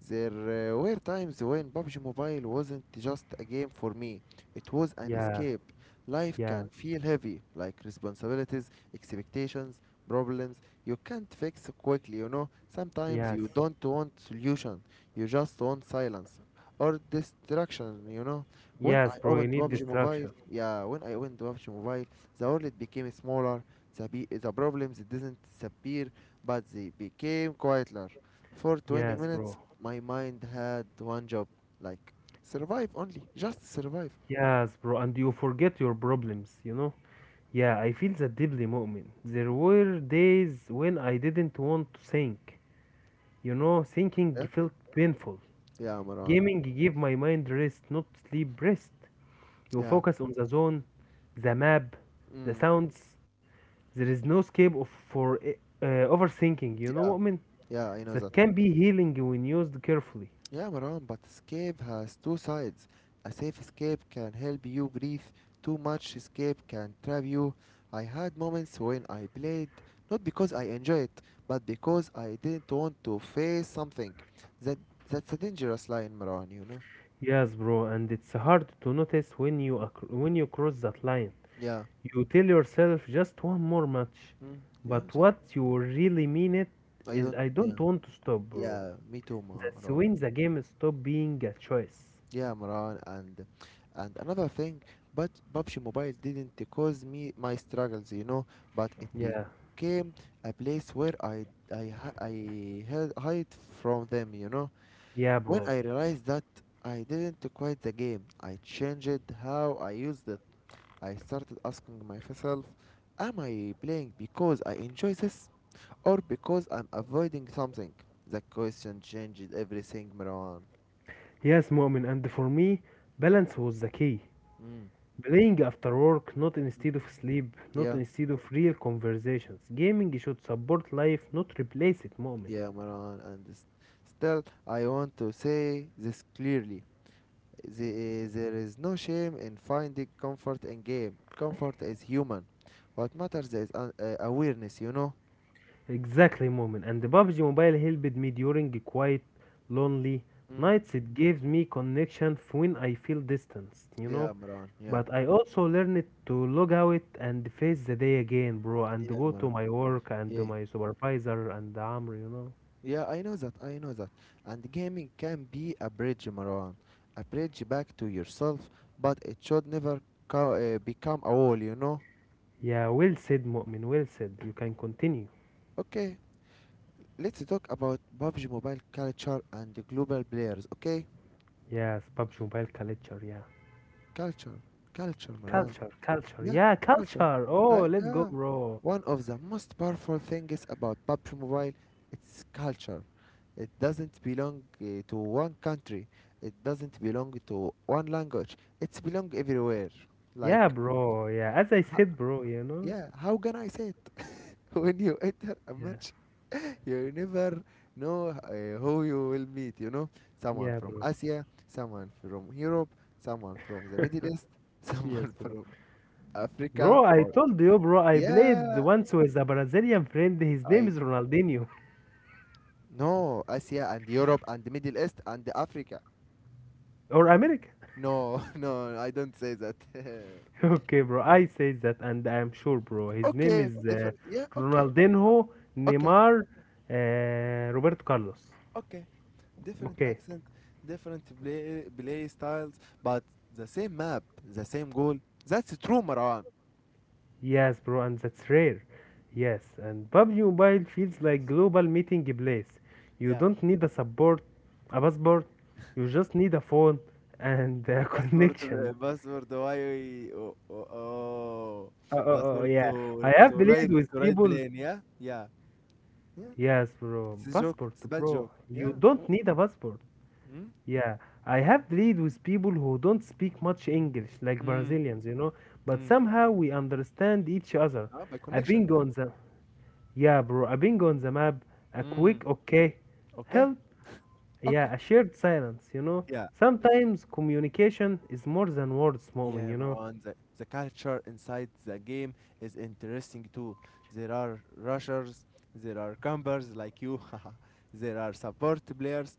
Speaker 1: there were times when PUBG Mobile wasn't just a game for me, it was an
Speaker 2: Yeah.
Speaker 1: escape. Life
Speaker 2: Yeah.
Speaker 1: can feel heavy, like responsibilities, expectations, problems you can't fix quickly, you know. Sometimes
Speaker 2: Yes.
Speaker 1: you don't want solution, you just want silence or distraction, you know. When
Speaker 2: Yes,
Speaker 1: I
Speaker 2: bro. You
Speaker 1: opened
Speaker 2: need
Speaker 1: PUBG Mobile,
Speaker 2: distraction.
Speaker 1: yeah, when I opened PUBG Mobile, the world became smaller, the problems didn't disappear, but they became quieter. For 20
Speaker 2: Yes,
Speaker 1: minutes,
Speaker 2: bro.
Speaker 1: my mind had one job, like, survive only, just survive.
Speaker 2: Yes, bro. And you forget your problems, you know? Yeah, I feel that deeply, Mu'min. There were days when I didn't want to think. You know, thinking
Speaker 1: Yeah?
Speaker 2: felt painful.
Speaker 1: Yeah, Marwan.
Speaker 2: Gaming gave my mind rest, not sleep rest. You
Speaker 1: Yeah.
Speaker 2: focus on the zone, the map, the
Speaker 1: Mm.
Speaker 2: sounds. There is no escape for overthinking. You know,
Speaker 1: Yeah,
Speaker 2: Mu'min?
Speaker 1: yeah, I know
Speaker 2: That
Speaker 1: that.
Speaker 2: can be healing when used carefully.
Speaker 1: Yeah, Marwan, but escape has two sides. A safe escape can help you breathe, too much escape can trap you. I had moments when I played, not because I enjoy it, but because I didn't want to face something. That That's a dangerous line, Marwan, you know?
Speaker 2: Yes, bro, and it's hard to notice when
Speaker 1: Mm.
Speaker 2: when you cross that line.
Speaker 1: Yeah.
Speaker 2: You tell yourself just one more match,
Speaker 1: Mm. Yeah,
Speaker 2: but what you really mean it
Speaker 1: I
Speaker 2: is
Speaker 1: don't,
Speaker 2: I
Speaker 1: yeah.
Speaker 2: don't want to stop, bro.
Speaker 1: Yeah, me too,
Speaker 2: That's
Speaker 1: Maran.
Speaker 2: when the game stop being a choice.
Speaker 1: Yeah, Maran, and another thing, but PUBG Mobile didn't cause me my struggles, you know, but it
Speaker 2: Yeah,
Speaker 1: became a place where I hide from them, you know.
Speaker 2: yeah,
Speaker 1: When
Speaker 2: bro.
Speaker 1: I realized that I didn't quit the game, I changed how I used it. I started asking myself, am I playing because I enjoy this or because I'm avoiding something? The question changed everything, Marwan.
Speaker 2: Yes, Mu'min, and for me, balance was the key. Playing after work, not instead of sleep, not
Speaker 1: Yeah,
Speaker 2: instead of real conversations. Gaming should support life, not replace it, Mu'min.
Speaker 1: yeah, Maran, and still, I want to say this clearly. There is no shame in finding comfort in game. Comfort is human. What matters is awareness, you know?
Speaker 2: Exactly, Mu'min. And the PUBG Mobile helped me during a quiet, lonely
Speaker 1: Mm.
Speaker 2: nights. It gives me connection when I feel distanced, you
Speaker 1: Yeah,
Speaker 2: know?
Speaker 1: Maran, yeah.
Speaker 2: But I also learned to log out and face the day again, bro, and
Speaker 1: Yeah,
Speaker 2: go to
Speaker 1: Maran.
Speaker 2: my work and
Speaker 1: Yeah.
Speaker 2: my supervisor and Amr, you know?
Speaker 1: I know that. And gaming can be a bridge, Maran. A bridge back to yourself, but it should never become a wall, you know?
Speaker 2: Yeah, well said, Mu'min. Well said. You can continue.
Speaker 1: Okay, let's talk about PUBG Mobile culture and the global players, okay?
Speaker 2: Yes, PUBG Mobile culture. Yeah,
Speaker 1: Culture, culture, Marwan.
Speaker 2: culture.
Speaker 1: Yeah,
Speaker 2: Yeah,
Speaker 1: culture.
Speaker 2: culture. Oh, let's go,
Speaker 1: Yeah.
Speaker 2: bro.
Speaker 1: One of the most powerful things about PUBG Mobile, it's culture. It doesn't belong to one country. It doesn't belong to one language. It's belong everywhere.
Speaker 2: Yeah,
Speaker 1: Like,
Speaker 2: bro. Yeah, as I said, bro. You know.
Speaker 1: yeah, how can I say it? When you enter a
Speaker 2: Yeah,
Speaker 1: match, you never know who you will meet. You know, someone
Speaker 2: yeah,
Speaker 1: from
Speaker 2: bro.
Speaker 1: Asia, someone from Europe, someone from the Middle East,
Speaker 2: yes,
Speaker 1: someone
Speaker 2: bro.
Speaker 1: from Africa,
Speaker 2: Bro, I
Speaker 1: or
Speaker 2: told you, bro. I played
Speaker 1: yeah,
Speaker 2: once with a Brazilian friend. His name
Speaker 1: I
Speaker 2: is Ronaldinho
Speaker 1: no Asia and Europe and the Middle East and Africa.
Speaker 2: or American.
Speaker 1: No, no, I don't say that.
Speaker 2: Okay, bro. I say that, and I'm sure, bro. His name
Speaker 1: Okay,
Speaker 2: is
Speaker 1: different. Yeah,
Speaker 2: Ronaldinho
Speaker 1: okay,
Speaker 2: Neymar Roberto Carlos.
Speaker 1: okay. Different
Speaker 2: Okay.
Speaker 1: accent, different play styles, but the same map, the same goal. That's true, Marwan.
Speaker 2: Yes, bro, and that's rare. Yes, and PUBG Mobile feels like global meeting place. You
Speaker 1: Yeah,
Speaker 2: don't need a support, a passport. You just need a phone and a
Speaker 1: password,
Speaker 2: connection.
Speaker 1: password. Why? Oh, oh, oh.
Speaker 2: Oh, oh, oh,
Speaker 1: Password
Speaker 2: yeah.
Speaker 1: to
Speaker 2: I have played with
Speaker 1: write
Speaker 2: people.
Speaker 1: plane. Yeah, yeah.
Speaker 2: Yes, bro.
Speaker 1: It's a joke.
Speaker 2: Passport,
Speaker 1: It's a bad
Speaker 2: bro.
Speaker 1: joke.
Speaker 2: You
Speaker 1: Yeah.
Speaker 2: don't need a passport.
Speaker 1: Mm,
Speaker 2: Yeah, I have played with people who don't speak much English, like
Speaker 1: mm,
Speaker 2: Brazilians, you know. But
Speaker 1: mm.
Speaker 2: somehow we understand each other.
Speaker 1: Ah, by
Speaker 2: I
Speaker 1: connection.
Speaker 2: been
Speaker 1: Yeah.
Speaker 2: on the Yeah, bro, a ping on the map, a
Speaker 1: Mm.
Speaker 2: quick okay,
Speaker 1: Okay.
Speaker 2: help,
Speaker 1: Okay.
Speaker 2: yeah, a shared silence, you know.
Speaker 1: Yeah.
Speaker 2: Sometimes communication is more than words, moment,
Speaker 1: Yeah,
Speaker 2: you know.
Speaker 1: Marwan, the culture inside the game is interesting too. There are rushers, there are campers like you, there are support players,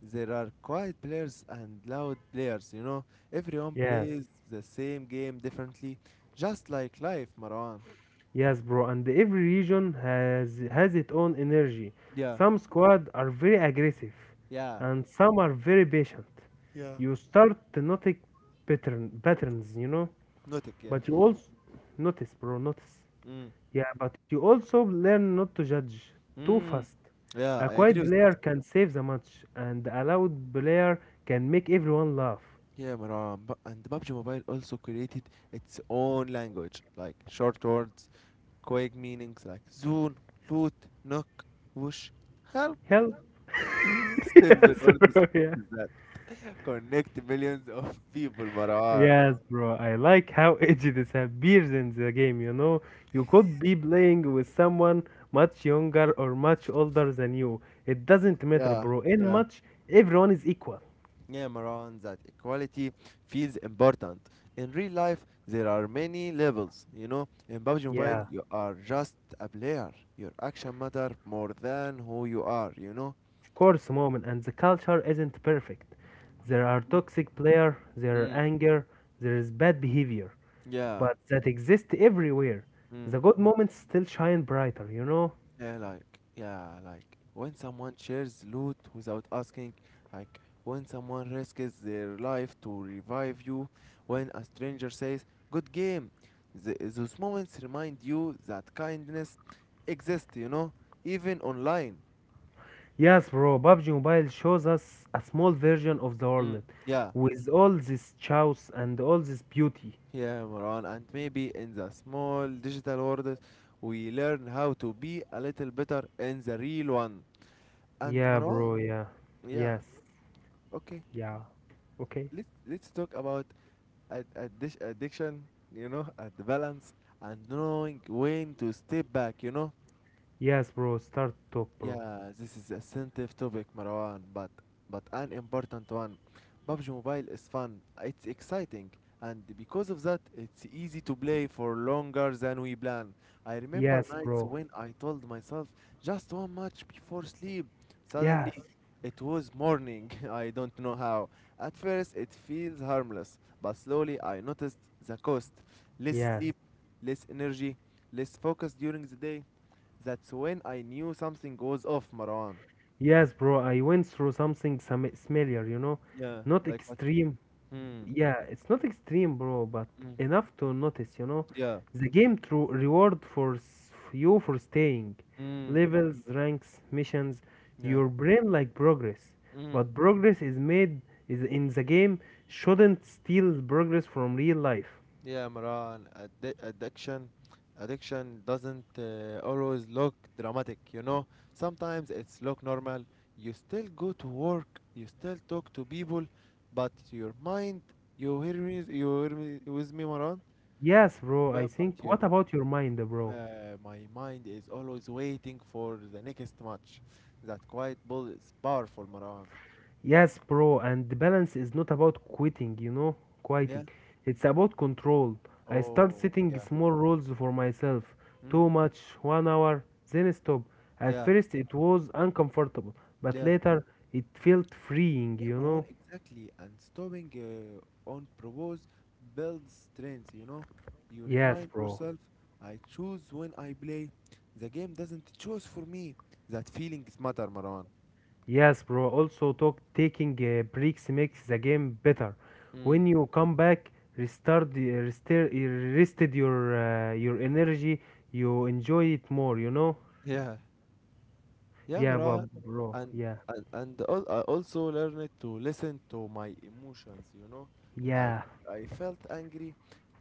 Speaker 1: there are quiet players and loud players, you know. Everyone
Speaker 2: Yes,
Speaker 1: plays the same game differently, just like life, Marwan.
Speaker 2: yes, bro. And every region has its own energy.
Speaker 1: Yeah,
Speaker 2: Some squad are very aggressive,
Speaker 1: yeah,
Speaker 2: and some are very patient. You start to notice patterns, you know.
Speaker 1: Yeah.
Speaker 2: But you also notice, bro. Notice.
Speaker 1: Mm,
Speaker 2: Yeah, but you also learn not to judge too
Speaker 1: mm.
Speaker 2: fast.
Speaker 1: Yeah,
Speaker 2: A
Speaker 1: I
Speaker 2: quiet
Speaker 1: agree with that.
Speaker 2: player can save the match, and a loud player can make everyone laugh.
Speaker 1: Yeah, Marwan. And PUBG Mobile also created its own language, like short words. Vague meanings like zoom, loot, knock, whoosh, help.
Speaker 2: Help!
Speaker 1: Simple
Speaker 2: yes,
Speaker 1: words
Speaker 2: bro, yeah.
Speaker 1: is that connect millions of people, Marwan.
Speaker 2: Yes, bro, I like how edgy this appears in the game, you know. You could be playing with someone much younger or much older than you. It doesn't matter,
Speaker 1: Yeah,
Speaker 2: bro. In
Speaker 1: yeah.
Speaker 2: match, everyone is equal.
Speaker 1: Yeah, Maran, that equality feels important. In real life, there are many levels. You know, in PUBG Mobile,
Speaker 2: Yeah.
Speaker 1: you are just a player. Your action matter more than who you are. You know.
Speaker 2: Of course, moment and the culture isn't perfect. There are
Speaker 1: Mhm.
Speaker 2: toxic players, there are
Speaker 1: Mm,
Speaker 2: anger, there is bad behavior,
Speaker 1: yeah.
Speaker 2: but that exists everywhere.
Speaker 1: Mm.
Speaker 2: The good moments still shine brighter, you know?
Speaker 1: Yeah, like when someone shares loot without asking, like when someone risks their life to revive you, when a stranger says "good game," those moments remind you that kindness exists, you know, even online.
Speaker 2: Yes, bro, PUBG Mobile shows us a small version of the world
Speaker 1: Mm. Yeah,
Speaker 2: with all this chaos and all this beauty.
Speaker 1: yeah, Moran, and maybe in the small digital world, we learn how to be a little better in the real one. And
Speaker 2: Yeah,
Speaker 1: Marwan,
Speaker 2: bro, yeah.
Speaker 1: yeah,
Speaker 2: Yes,
Speaker 1: okay,
Speaker 2: yeah. Okay.
Speaker 1: let's talk about addiction, you know, at the balance and knowing when to step back, you know.
Speaker 2: Yes, bro, start talk, bro.
Speaker 1: Yeah, this is a sensitive topic, Marwan, but an important one. PUBG Mobile is fun, it's exciting, and because of that, it's easy to play for longer than we plan. I remember
Speaker 2: Yes,
Speaker 1: nights
Speaker 2: bro.
Speaker 1: when I told myself just one match before sleep.
Speaker 2: Yes,
Speaker 1: Suddenly, it was morning. I don't know how. At first, it feels harmless, but slowly I noticed the cost. Less
Speaker 2: yes.
Speaker 1: sleep, less energy, less focus during the day. That's when I knew something goes off, Marwan.
Speaker 2: Yes, bro, I went through something some similar, you know.
Speaker 1: Yeah.
Speaker 2: Not
Speaker 1: Like what?
Speaker 2: extreme.
Speaker 1: Hmm.
Speaker 2: Yeah, it's not extreme, bro, but
Speaker 1: Mm.
Speaker 2: enough to notice, you know.
Speaker 1: Yeah.
Speaker 2: The game through reward you for staying.
Speaker 1: Mm.
Speaker 2: Levels, ranks, missions,
Speaker 1: Yeah.
Speaker 2: your brain like progress.
Speaker 1: Mm.
Speaker 2: But progress is made is in the game shouldn't steal progress from real life.
Speaker 1: Yeah, Maran. Addiction doesn't always look dramatic. You know, sometimes it's look normal. You still go to work. You still talk to people, but your mind. You hear me? You hear me with me, Maran?
Speaker 2: Yes, bro, I
Speaker 1: But
Speaker 2: think.
Speaker 1: your
Speaker 2: What about your mind, bro?
Speaker 1: My mind is always waiting for the next match. That quiet ball is powerful, Marwan.
Speaker 2: Yes, bro, and the balance is not about quitting, you know, quitting.
Speaker 1: Yeah.
Speaker 2: It's about control. I start
Speaker 1: Oh,
Speaker 2: setting
Speaker 1: yeah.
Speaker 2: small rules for myself.
Speaker 1: Mm.
Speaker 2: Too much, 1 hour, then stop. At
Speaker 1: Yeah.
Speaker 2: first it was uncomfortable, but
Speaker 1: Yeah.
Speaker 2: later it felt freeing,
Speaker 1: Yeah,
Speaker 2: you
Speaker 1: Marwan,
Speaker 2: know?
Speaker 1: exactly. And stopping on propose builds strength, you know. You
Speaker 2: Yes,
Speaker 1: remind
Speaker 2: bro.
Speaker 1: yourself, I choose when I play. The game doesn't choose for me. That feelings matter, Marwan.
Speaker 2: Yes, bro. Also, talk taking breaks makes the game better.
Speaker 1: Mm.
Speaker 2: When you come back, restart, rested your energy. You enjoy it more, you know.
Speaker 1: Yeah. Yeah,
Speaker 2: Yeah, but
Speaker 1: Marwan,
Speaker 2: bro,
Speaker 1: and
Speaker 2: yeah,
Speaker 1: and I also learned to listen to my emotions. You know, I
Speaker 2: yeah,
Speaker 1: I felt angry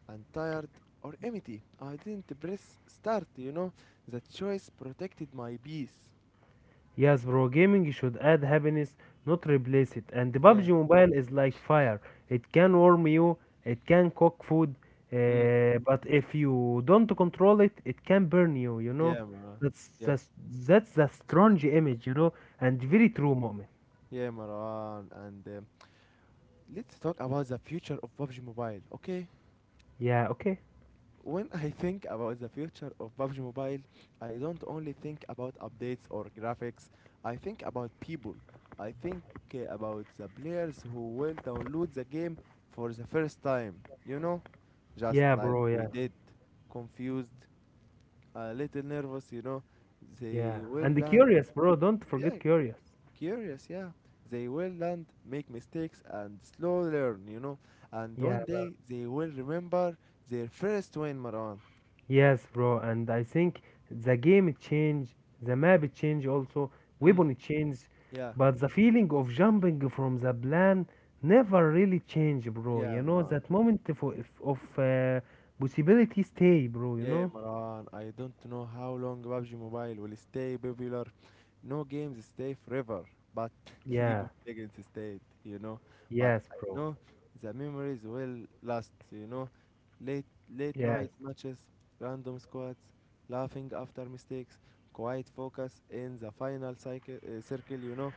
Speaker 1: and tired or empty. I didn't press start. You know, the choice protected my peace.
Speaker 2: yes, bro. Gaming should add happiness, not replace it. And the
Speaker 1: Yeah.
Speaker 2: PUBG Mobile is like fire. It can warm you, it can cook food,
Speaker 1: Mm.
Speaker 2: but if you don't control it, it can burn you. You know,
Speaker 1: Yeah, Marwan.
Speaker 2: that's
Speaker 1: Yeah,
Speaker 2: that's that's the strong image, you know, and very true moment.
Speaker 1: yeah, Marwan. And let's talk about the future of PUBG Mobile. Okay.
Speaker 2: Yeah, okay.
Speaker 1: When I think about the future of PUBG Mobile, I don't only think about updates or graphics. I think about people. I think about the players who will download the game for the first time, you know? Just
Speaker 2: Yeah,
Speaker 1: like
Speaker 2: bro.
Speaker 1: we
Speaker 2: Yeah,
Speaker 1: did. Confused, a little nervous, you know?
Speaker 2: yeah.
Speaker 1: They will
Speaker 2: And the
Speaker 1: land,
Speaker 2: curious, bro. Don't
Speaker 1: yeah,
Speaker 2: forget curious.
Speaker 1: curious, yeah. They will land, make mistakes, and slow learn, you know? And
Speaker 2: Yeah,
Speaker 1: one day they will remember their first win, Maran.
Speaker 2: Yes, bro, and I think the game change, the map change also,
Speaker 1: Mm,
Speaker 2: weapon change,
Speaker 1: yeah.
Speaker 2: but the feeling of jumping from the plan never really change, bro.
Speaker 1: Yeah,
Speaker 2: You know
Speaker 1: Maran.
Speaker 2: that moment for, of, possibility stay, bro. You
Speaker 1: Yeah,
Speaker 2: know?
Speaker 1: Maran. I don't know how long PUBG Mobile will stay popular. No games stay forever, but League
Speaker 2: Yeah.
Speaker 1: of Legends stayed, you know. But
Speaker 2: Yes,
Speaker 1: I
Speaker 2: bro.
Speaker 1: know the memories will last, you know. Late
Speaker 2: Yes.
Speaker 1: night matches, random squads, laughing after mistakes, quiet focus in the circle, you know.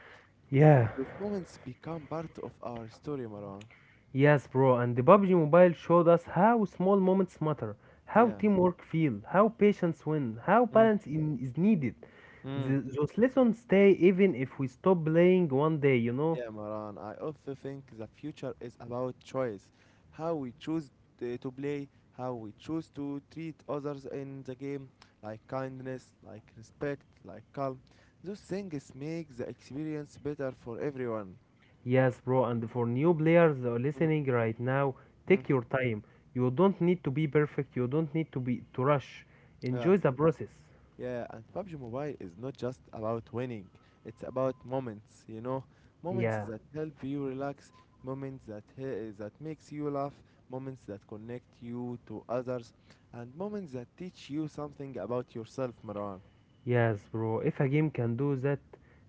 Speaker 2: Yeah.
Speaker 1: Those moments become part of our story, Maran.
Speaker 2: Yes, bro, and the PUBG Mobile showed us how small moments matter, how
Speaker 1: Yeah.
Speaker 2: teamwork feel, how patience win, how
Speaker 1: Mm.
Speaker 2: is needed.
Speaker 1: Mm.
Speaker 2: Those lessons stay even if we stop playing one day, you know?
Speaker 1: Yeah, Maran. I also think the future is about choice. How we choose to play, how we choose to treat others in the game, like kindness, like respect, like calm. Those things make the experience better for everyone.
Speaker 2: Yes, bro, and for new players that are
Speaker 1: Mm.
Speaker 2: listening right now,
Speaker 1: Mm.
Speaker 2: take your time. You don't need to be perfect, you don't need to rush.
Speaker 1: Yeah.
Speaker 2: Enjoy the process.
Speaker 1: Yeah, and PUBG Mobile is not just about winning, it's about moments, you know, moments
Speaker 2: Yeah,
Speaker 1: that help you relax, moments that makes you laugh, moments that connect you to others, and moments that teach you something about yourself, Marwan.
Speaker 2: yes, bro. If a game can do that,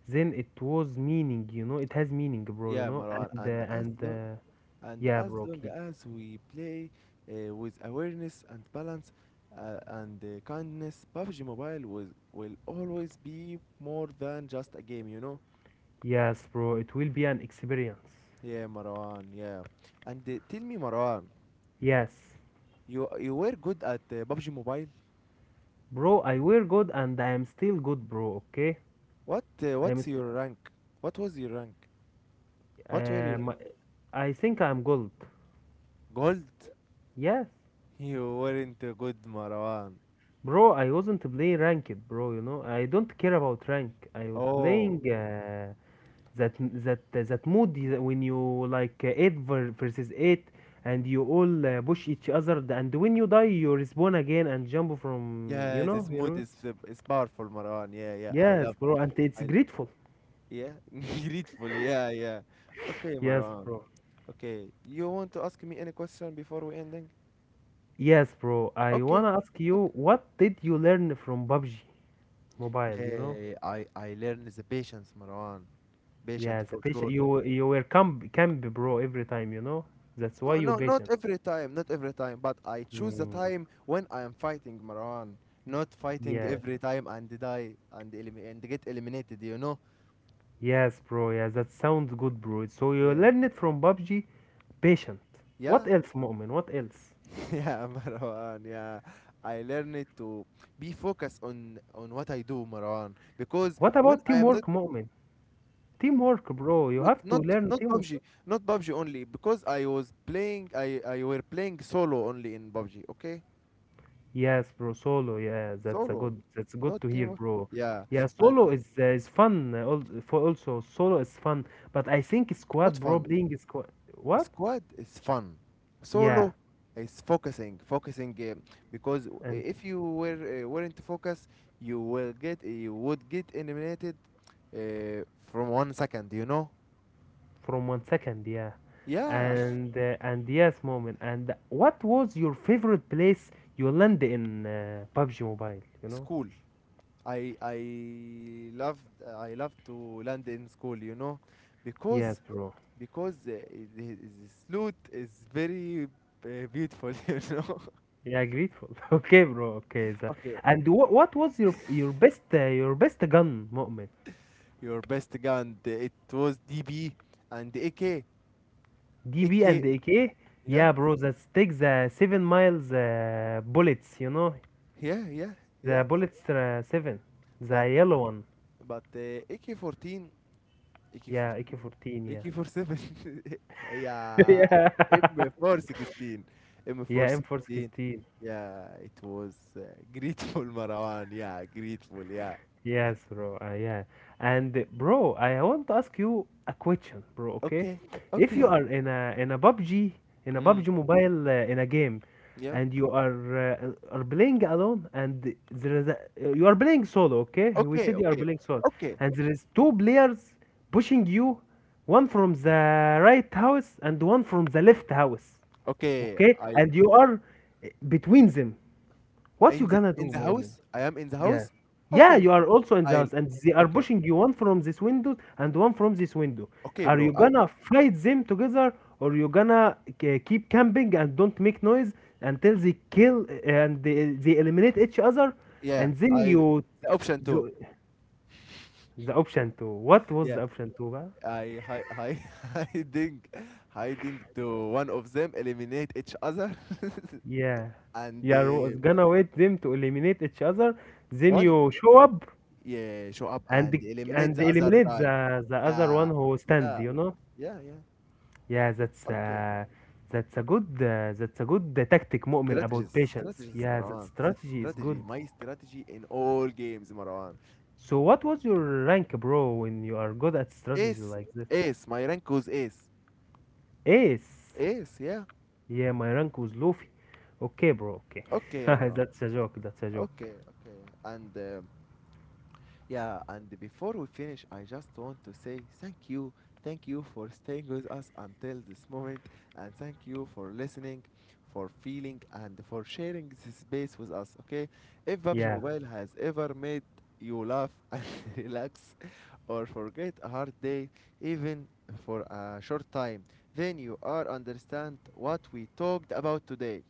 Speaker 2: then it was meaning, you know? It has meaning, bro, you
Speaker 1: Yeah,
Speaker 2: know?
Speaker 1: Marwan, and as
Speaker 2: And
Speaker 1: long and
Speaker 2: Yeah,
Speaker 1: as
Speaker 2: bro,
Speaker 1: long
Speaker 2: keep.
Speaker 1: as we play with awareness and balance and kindness, PUBG Mobile will always be more than just a game, you know?
Speaker 2: Yes, bro, it will be an experience.
Speaker 1: Yeah, Marwan. Yeah, and tell me, Marwan,
Speaker 2: Yes,
Speaker 1: you were good at PUBG Mobile.
Speaker 2: bro, I wear good and I am still good, bro, okay?
Speaker 1: What uh,
Speaker 2: I'm
Speaker 1: what's
Speaker 2: still.
Speaker 1: your rank? What was your rank? What were your
Speaker 2: Um, I think I'm gold.
Speaker 1: gold?
Speaker 2: Yes.
Speaker 1: You weren't good, Marwan.
Speaker 2: Bro, I wasn't playing ranked, bro, you know? I don't care about rank. I was
Speaker 1: Oh,
Speaker 2: playing that that mood is when you like 8 versus 8 and you all push each and when you die you respawn again and jump from, you
Speaker 1: yeah, this
Speaker 2: know, you
Speaker 1: mood
Speaker 2: know?
Speaker 1: is powerful, Marwan. Yeah, yeah, I
Speaker 2: Yes,
Speaker 1: love.
Speaker 2: bro, and it's
Speaker 1: I
Speaker 2: grateful.
Speaker 1: yeah, grateful. Yeah, yeah. Okay,
Speaker 2: Yes,
Speaker 1: Marwan.
Speaker 2: bro.
Speaker 1: Okay, you want to ask me any question before we ending?
Speaker 2: Yes, bro. I
Speaker 1: Okay.
Speaker 2: wanna ask you,
Speaker 1: Okay.
Speaker 2: what did you learn from PUBG Mobile, you know?
Speaker 1: Yeah, I learned the patience, Marwan.
Speaker 2: Yeah,
Speaker 1: Patient
Speaker 2: the
Speaker 1: for
Speaker 2: patient.
Speaker 1: sure.
Speaker 2: You were camp bro every time, you know? That's why
Speaker 1: No,
Speaker 2: you
Speaker 1: no,
Speaker 2: patient.
Speaker 1: not every time, not every time, but I choose the
Speaker 2: Mm.
Speaker 1: time when I am fighting Marwan, not fighting
Speaker 2: Yes.
Speaker 1: every time and die and elimi and get eliminated, you know?
Speaker 2: Yes, bro. Yeah, that sounds good, bro. So you
Speaker 1: Yeah.
Speaker 2: learn it from PUBG, patient. What
Speaker 1: Yeah?
Speaker 2: else, Mu'min? What else?
Speaker 1: Yeah, Marwan, yeah. I learned it to be focused on what I do, Marwan, because
Speaker 2: What
Speaker 1: when
Speaker 2: about
Speaker 1: I am not
Speaker 2: teamwork, Mu'min? Teamwork, bro. You
Speaker 1: not
Speaker 2: have to
Speaker 1: not
Speaker 2: learn
Speaker 1: not
Speaker 2: team.
Speaker 1: PUBG, not PUBG only, because I were playing solo only in PUBG, okay?
Speaker 2: Yes, bro. Solo. Yeah, that's a
Speaker 1: Solo,
Speaker 2: good. That's good
Speaker 1: not
Speaker 2: to hear,
Speaker 1: team.
Speaker 2: bro.
Speaker 1: Yeah,
Speaker 2: Yeah,
Speaker 1: and
Speaker 2: solo is fun. For also solo is fun, but I think
Speaker 1: not
Speaker 2: squad, bro,
Speaker 1: fun.
Speaker 2: playing squad. What?
Speaker 1: Squad is fun.
Speaker 2: Yeah,
Speaker 1: Solo is focusing, because
Speaker 2: and
Speaker 1: if you were weren't focused, you would get eliminated uh, from one second. You know?
Speaker 2: from 1 second, yeah,
Speaker 1: Yeah,
Speaker 2: and yes, moment. And what was your favorite place you land in PUBG Mobile? You know?
Speaker 1: school. I love to land in school. You know,
Speaker 2: Yes,
Speaker 1: because
Speaker 2: bro.
Speaker 1: because the slot is very beautiful. You know.
Speaker 2: Yeah, grateful. okay, bro. Okay, so,
Speaker 1: Okay,
Speaker 2: and what was your your best gun, moment?
Speaker 1: your best gun. It was DB and AK.
Speaker 2: DB and
Speaker 1: AK.
Speaker 2: AK.
Speaker 1: Yeah,
Speaker 2: Yeah, bro, that takes the 7 mils bullets, you know?
Speaker 1: yeah, yeah, yeah.
Speaker 2: The bullets seven. The yellow one.
Speaker 1: But but uh, AK-14,
Speaker 2: Yeah,
Speaker 1: AK-14,
Speaker 2: AK-14, yeah.
Speaker 1: AK-47 yeah,
Speaker 2: yeah.
Speaker 1: M416,
Speaker 2: Yeah,
Speaker 1: M416.
Speaker 2: M416.
Speaker 1: Yeah, it was grateful Marwan. Yeah, grateful. Yeah.
Speaker 2: Yes, bro. Yeah. And bro, I want to ask you a question, bro, okay?
Speaker 1: Okay.
Speaker 2: If you
Speaker 1: Okay.
Speaker 2: are in a
Speaker 1: Hmm.
Speaker 2: PUBG mobile in a game
Speaker 1: Yeah.
Speaker 2: and you are playing alone and there is a, you are playing solo, okay? We
Speaker 1: Okay.
Speaker 2: said you are
Speaker 1: Okay.
Speaker 2: playing solo
Speaker 1: Okay.
Speaker 2: and there is two players pushing you, one from the right house and one from the left house,
Speaker 1: Okay.
Speaker 2: okay?
Speaker 1: I
Speaker 2: And you are between them. What you
Speaker 1: In the
Speaker 2: gonna do, moment?
Speaker 1: house. I am in the
Speaker 2: Yeah.
Speaker 1: house.
Speaker 2: Yeah,
Speaker 1: Okay.
Speaker 2: you are also in the
Speaker 1: I.
Speaker 2: house and they are
Speaker 1: Okay.
Speaker 2: pushing you one from this window and one from this window.
Speaker 1: Okay,
Speaker 2: Are
Speaker 1: bro.
Speaker 2: you
Speaker 1: I
Speaker 2: gonna fight them together or you gonna keep camping and don't make noise until they they eliminate each other
Speaker 1: yeah.
Speaker 2: and then
Speaker 1: I
Speaker 2: you
Speaker 1: the option two.
Speaker 2: do the option two. What was
Speaker 1: Yeah.
Speaker 2: the option two? Ba?
Speaker 1: I hi, hi, hiding hiding to one of them eliminate each other
Speaker 2: Yeah.
Speaker 1: and
Speaker 2: You are gonna wait them to eliminate each other, then
Speaker 1: one
Speaker 2: you show up
Speaker 1: yeah show up
Speaker 2: and
Speaker 1: and eliminate
Speaker 2: and
Speaker 1: the other
Speaker 2: eliminate
Speaker 1: guy.
Speaker 2: the other one
Speaker 1: Yeah,
Speaker 2: who stand,
Speaker 1: yeah,
Speaker 2: you know?
Speaker 1: yeah, yeah.
Speaker 2: Yeah,
Speaker 1: Okay.
Speaker 2: that's a good tactic, Mu'min, about patience.
Speaker 1: Strategies,
Speaker 2: Yeah, that
Speaker 1: Marwan. That
Speaker 2: strategy is
Speaker 1: strategy,
Speaker 2: good.
Speaker 1: my strategy in all games, Marwan.
Speaker 2: So what was your rank, bro, when you are good at strategy
Speaker 1: Ace,
Speaker 2: like this?
Speaker 1: Ace. My rank was ace.
Speaker 2: Ace.
Speaker 1: Ace, yeah.
Speaker 2: Yeah, my rank was Luffy. Okay, bro. Okay,
Speaker 1: Okay, Marwan.
Speaker 2: that's a joke. That's a joke.
Speaker 1: Okay, okay. And yeah, and before we finish, I just want to say thank you. Thank you for staying with us until this moment, and thank you for listening, for feeling, and for sharing this space with us. Okay, if PUBG
Speaker 2: Yeah.
Speaker 1: Mobile has ever made you laugh and relax or forget a hard day, even for a short time, then you are understand what we talked about today.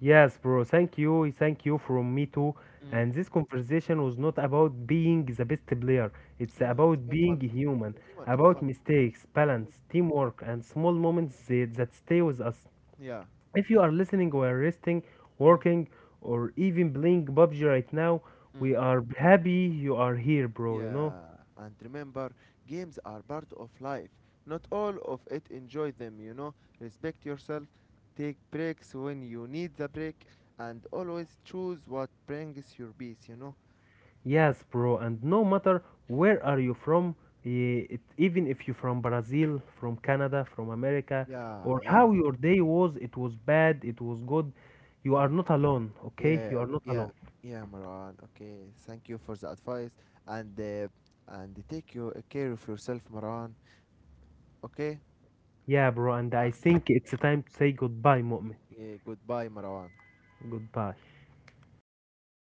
Speaker 2: Yes, bro. Thank you. Thank you from me too.
Speaker 1: Mm.
Speaker 2: And this conversation was not about being the best player. It's
Speaker 1: Yeah, it's
Speaker 2: about
Speaker 1: about
Speaker 2: being
Speaker 1: fun,
Speaker 2: human,
Speaker 1: human and
Speaker 2: about
Speaker 1: fun.
Speaker 2: mistakes,
Speaker 1: Mm.
Speaker 2: balance, teamwork, and small moments that stay with us.
Speaker 1: Yeah.
Speaker 2: If you are listening or resting, working, or even playing PUBG right now,
Speaker 1: Mm.
Speaker 2: we are happy you are here, bro. You know.
Speaker 1: Yeah, and remember, games are part of life. Not all of it enjoy them, you know. Respect yourself, take breaks when you need the break, and always choose what brings your peace, you know.
Speaker 2: Yes, bro, and no matter where are you from, even if you're from Brazil, from Canada, from America,
Speaker 1: Yeah,
Speaker 2: or
Speaker 1: yeah,
Speaker 2: how your day was, it was bad, it was good, you are
Speaker 1: yeah,
Speaker 2: not alone, okay? You are not
Speaker 1: yeah,
Speaker 2: alone.
Speaker 1: yeah, Marwan. Okay, thank you for the advice, and uh, and take your care of yourself, Marwan. Okay,
Speaker 2: Yeah, bro, and
Speaker 1: uh,
Speaker 2: I think it's a time to say goodbye, Mu'min.
Speaker 1: yeah, goodbye, Marwan.
Speaker 2: Goodbye.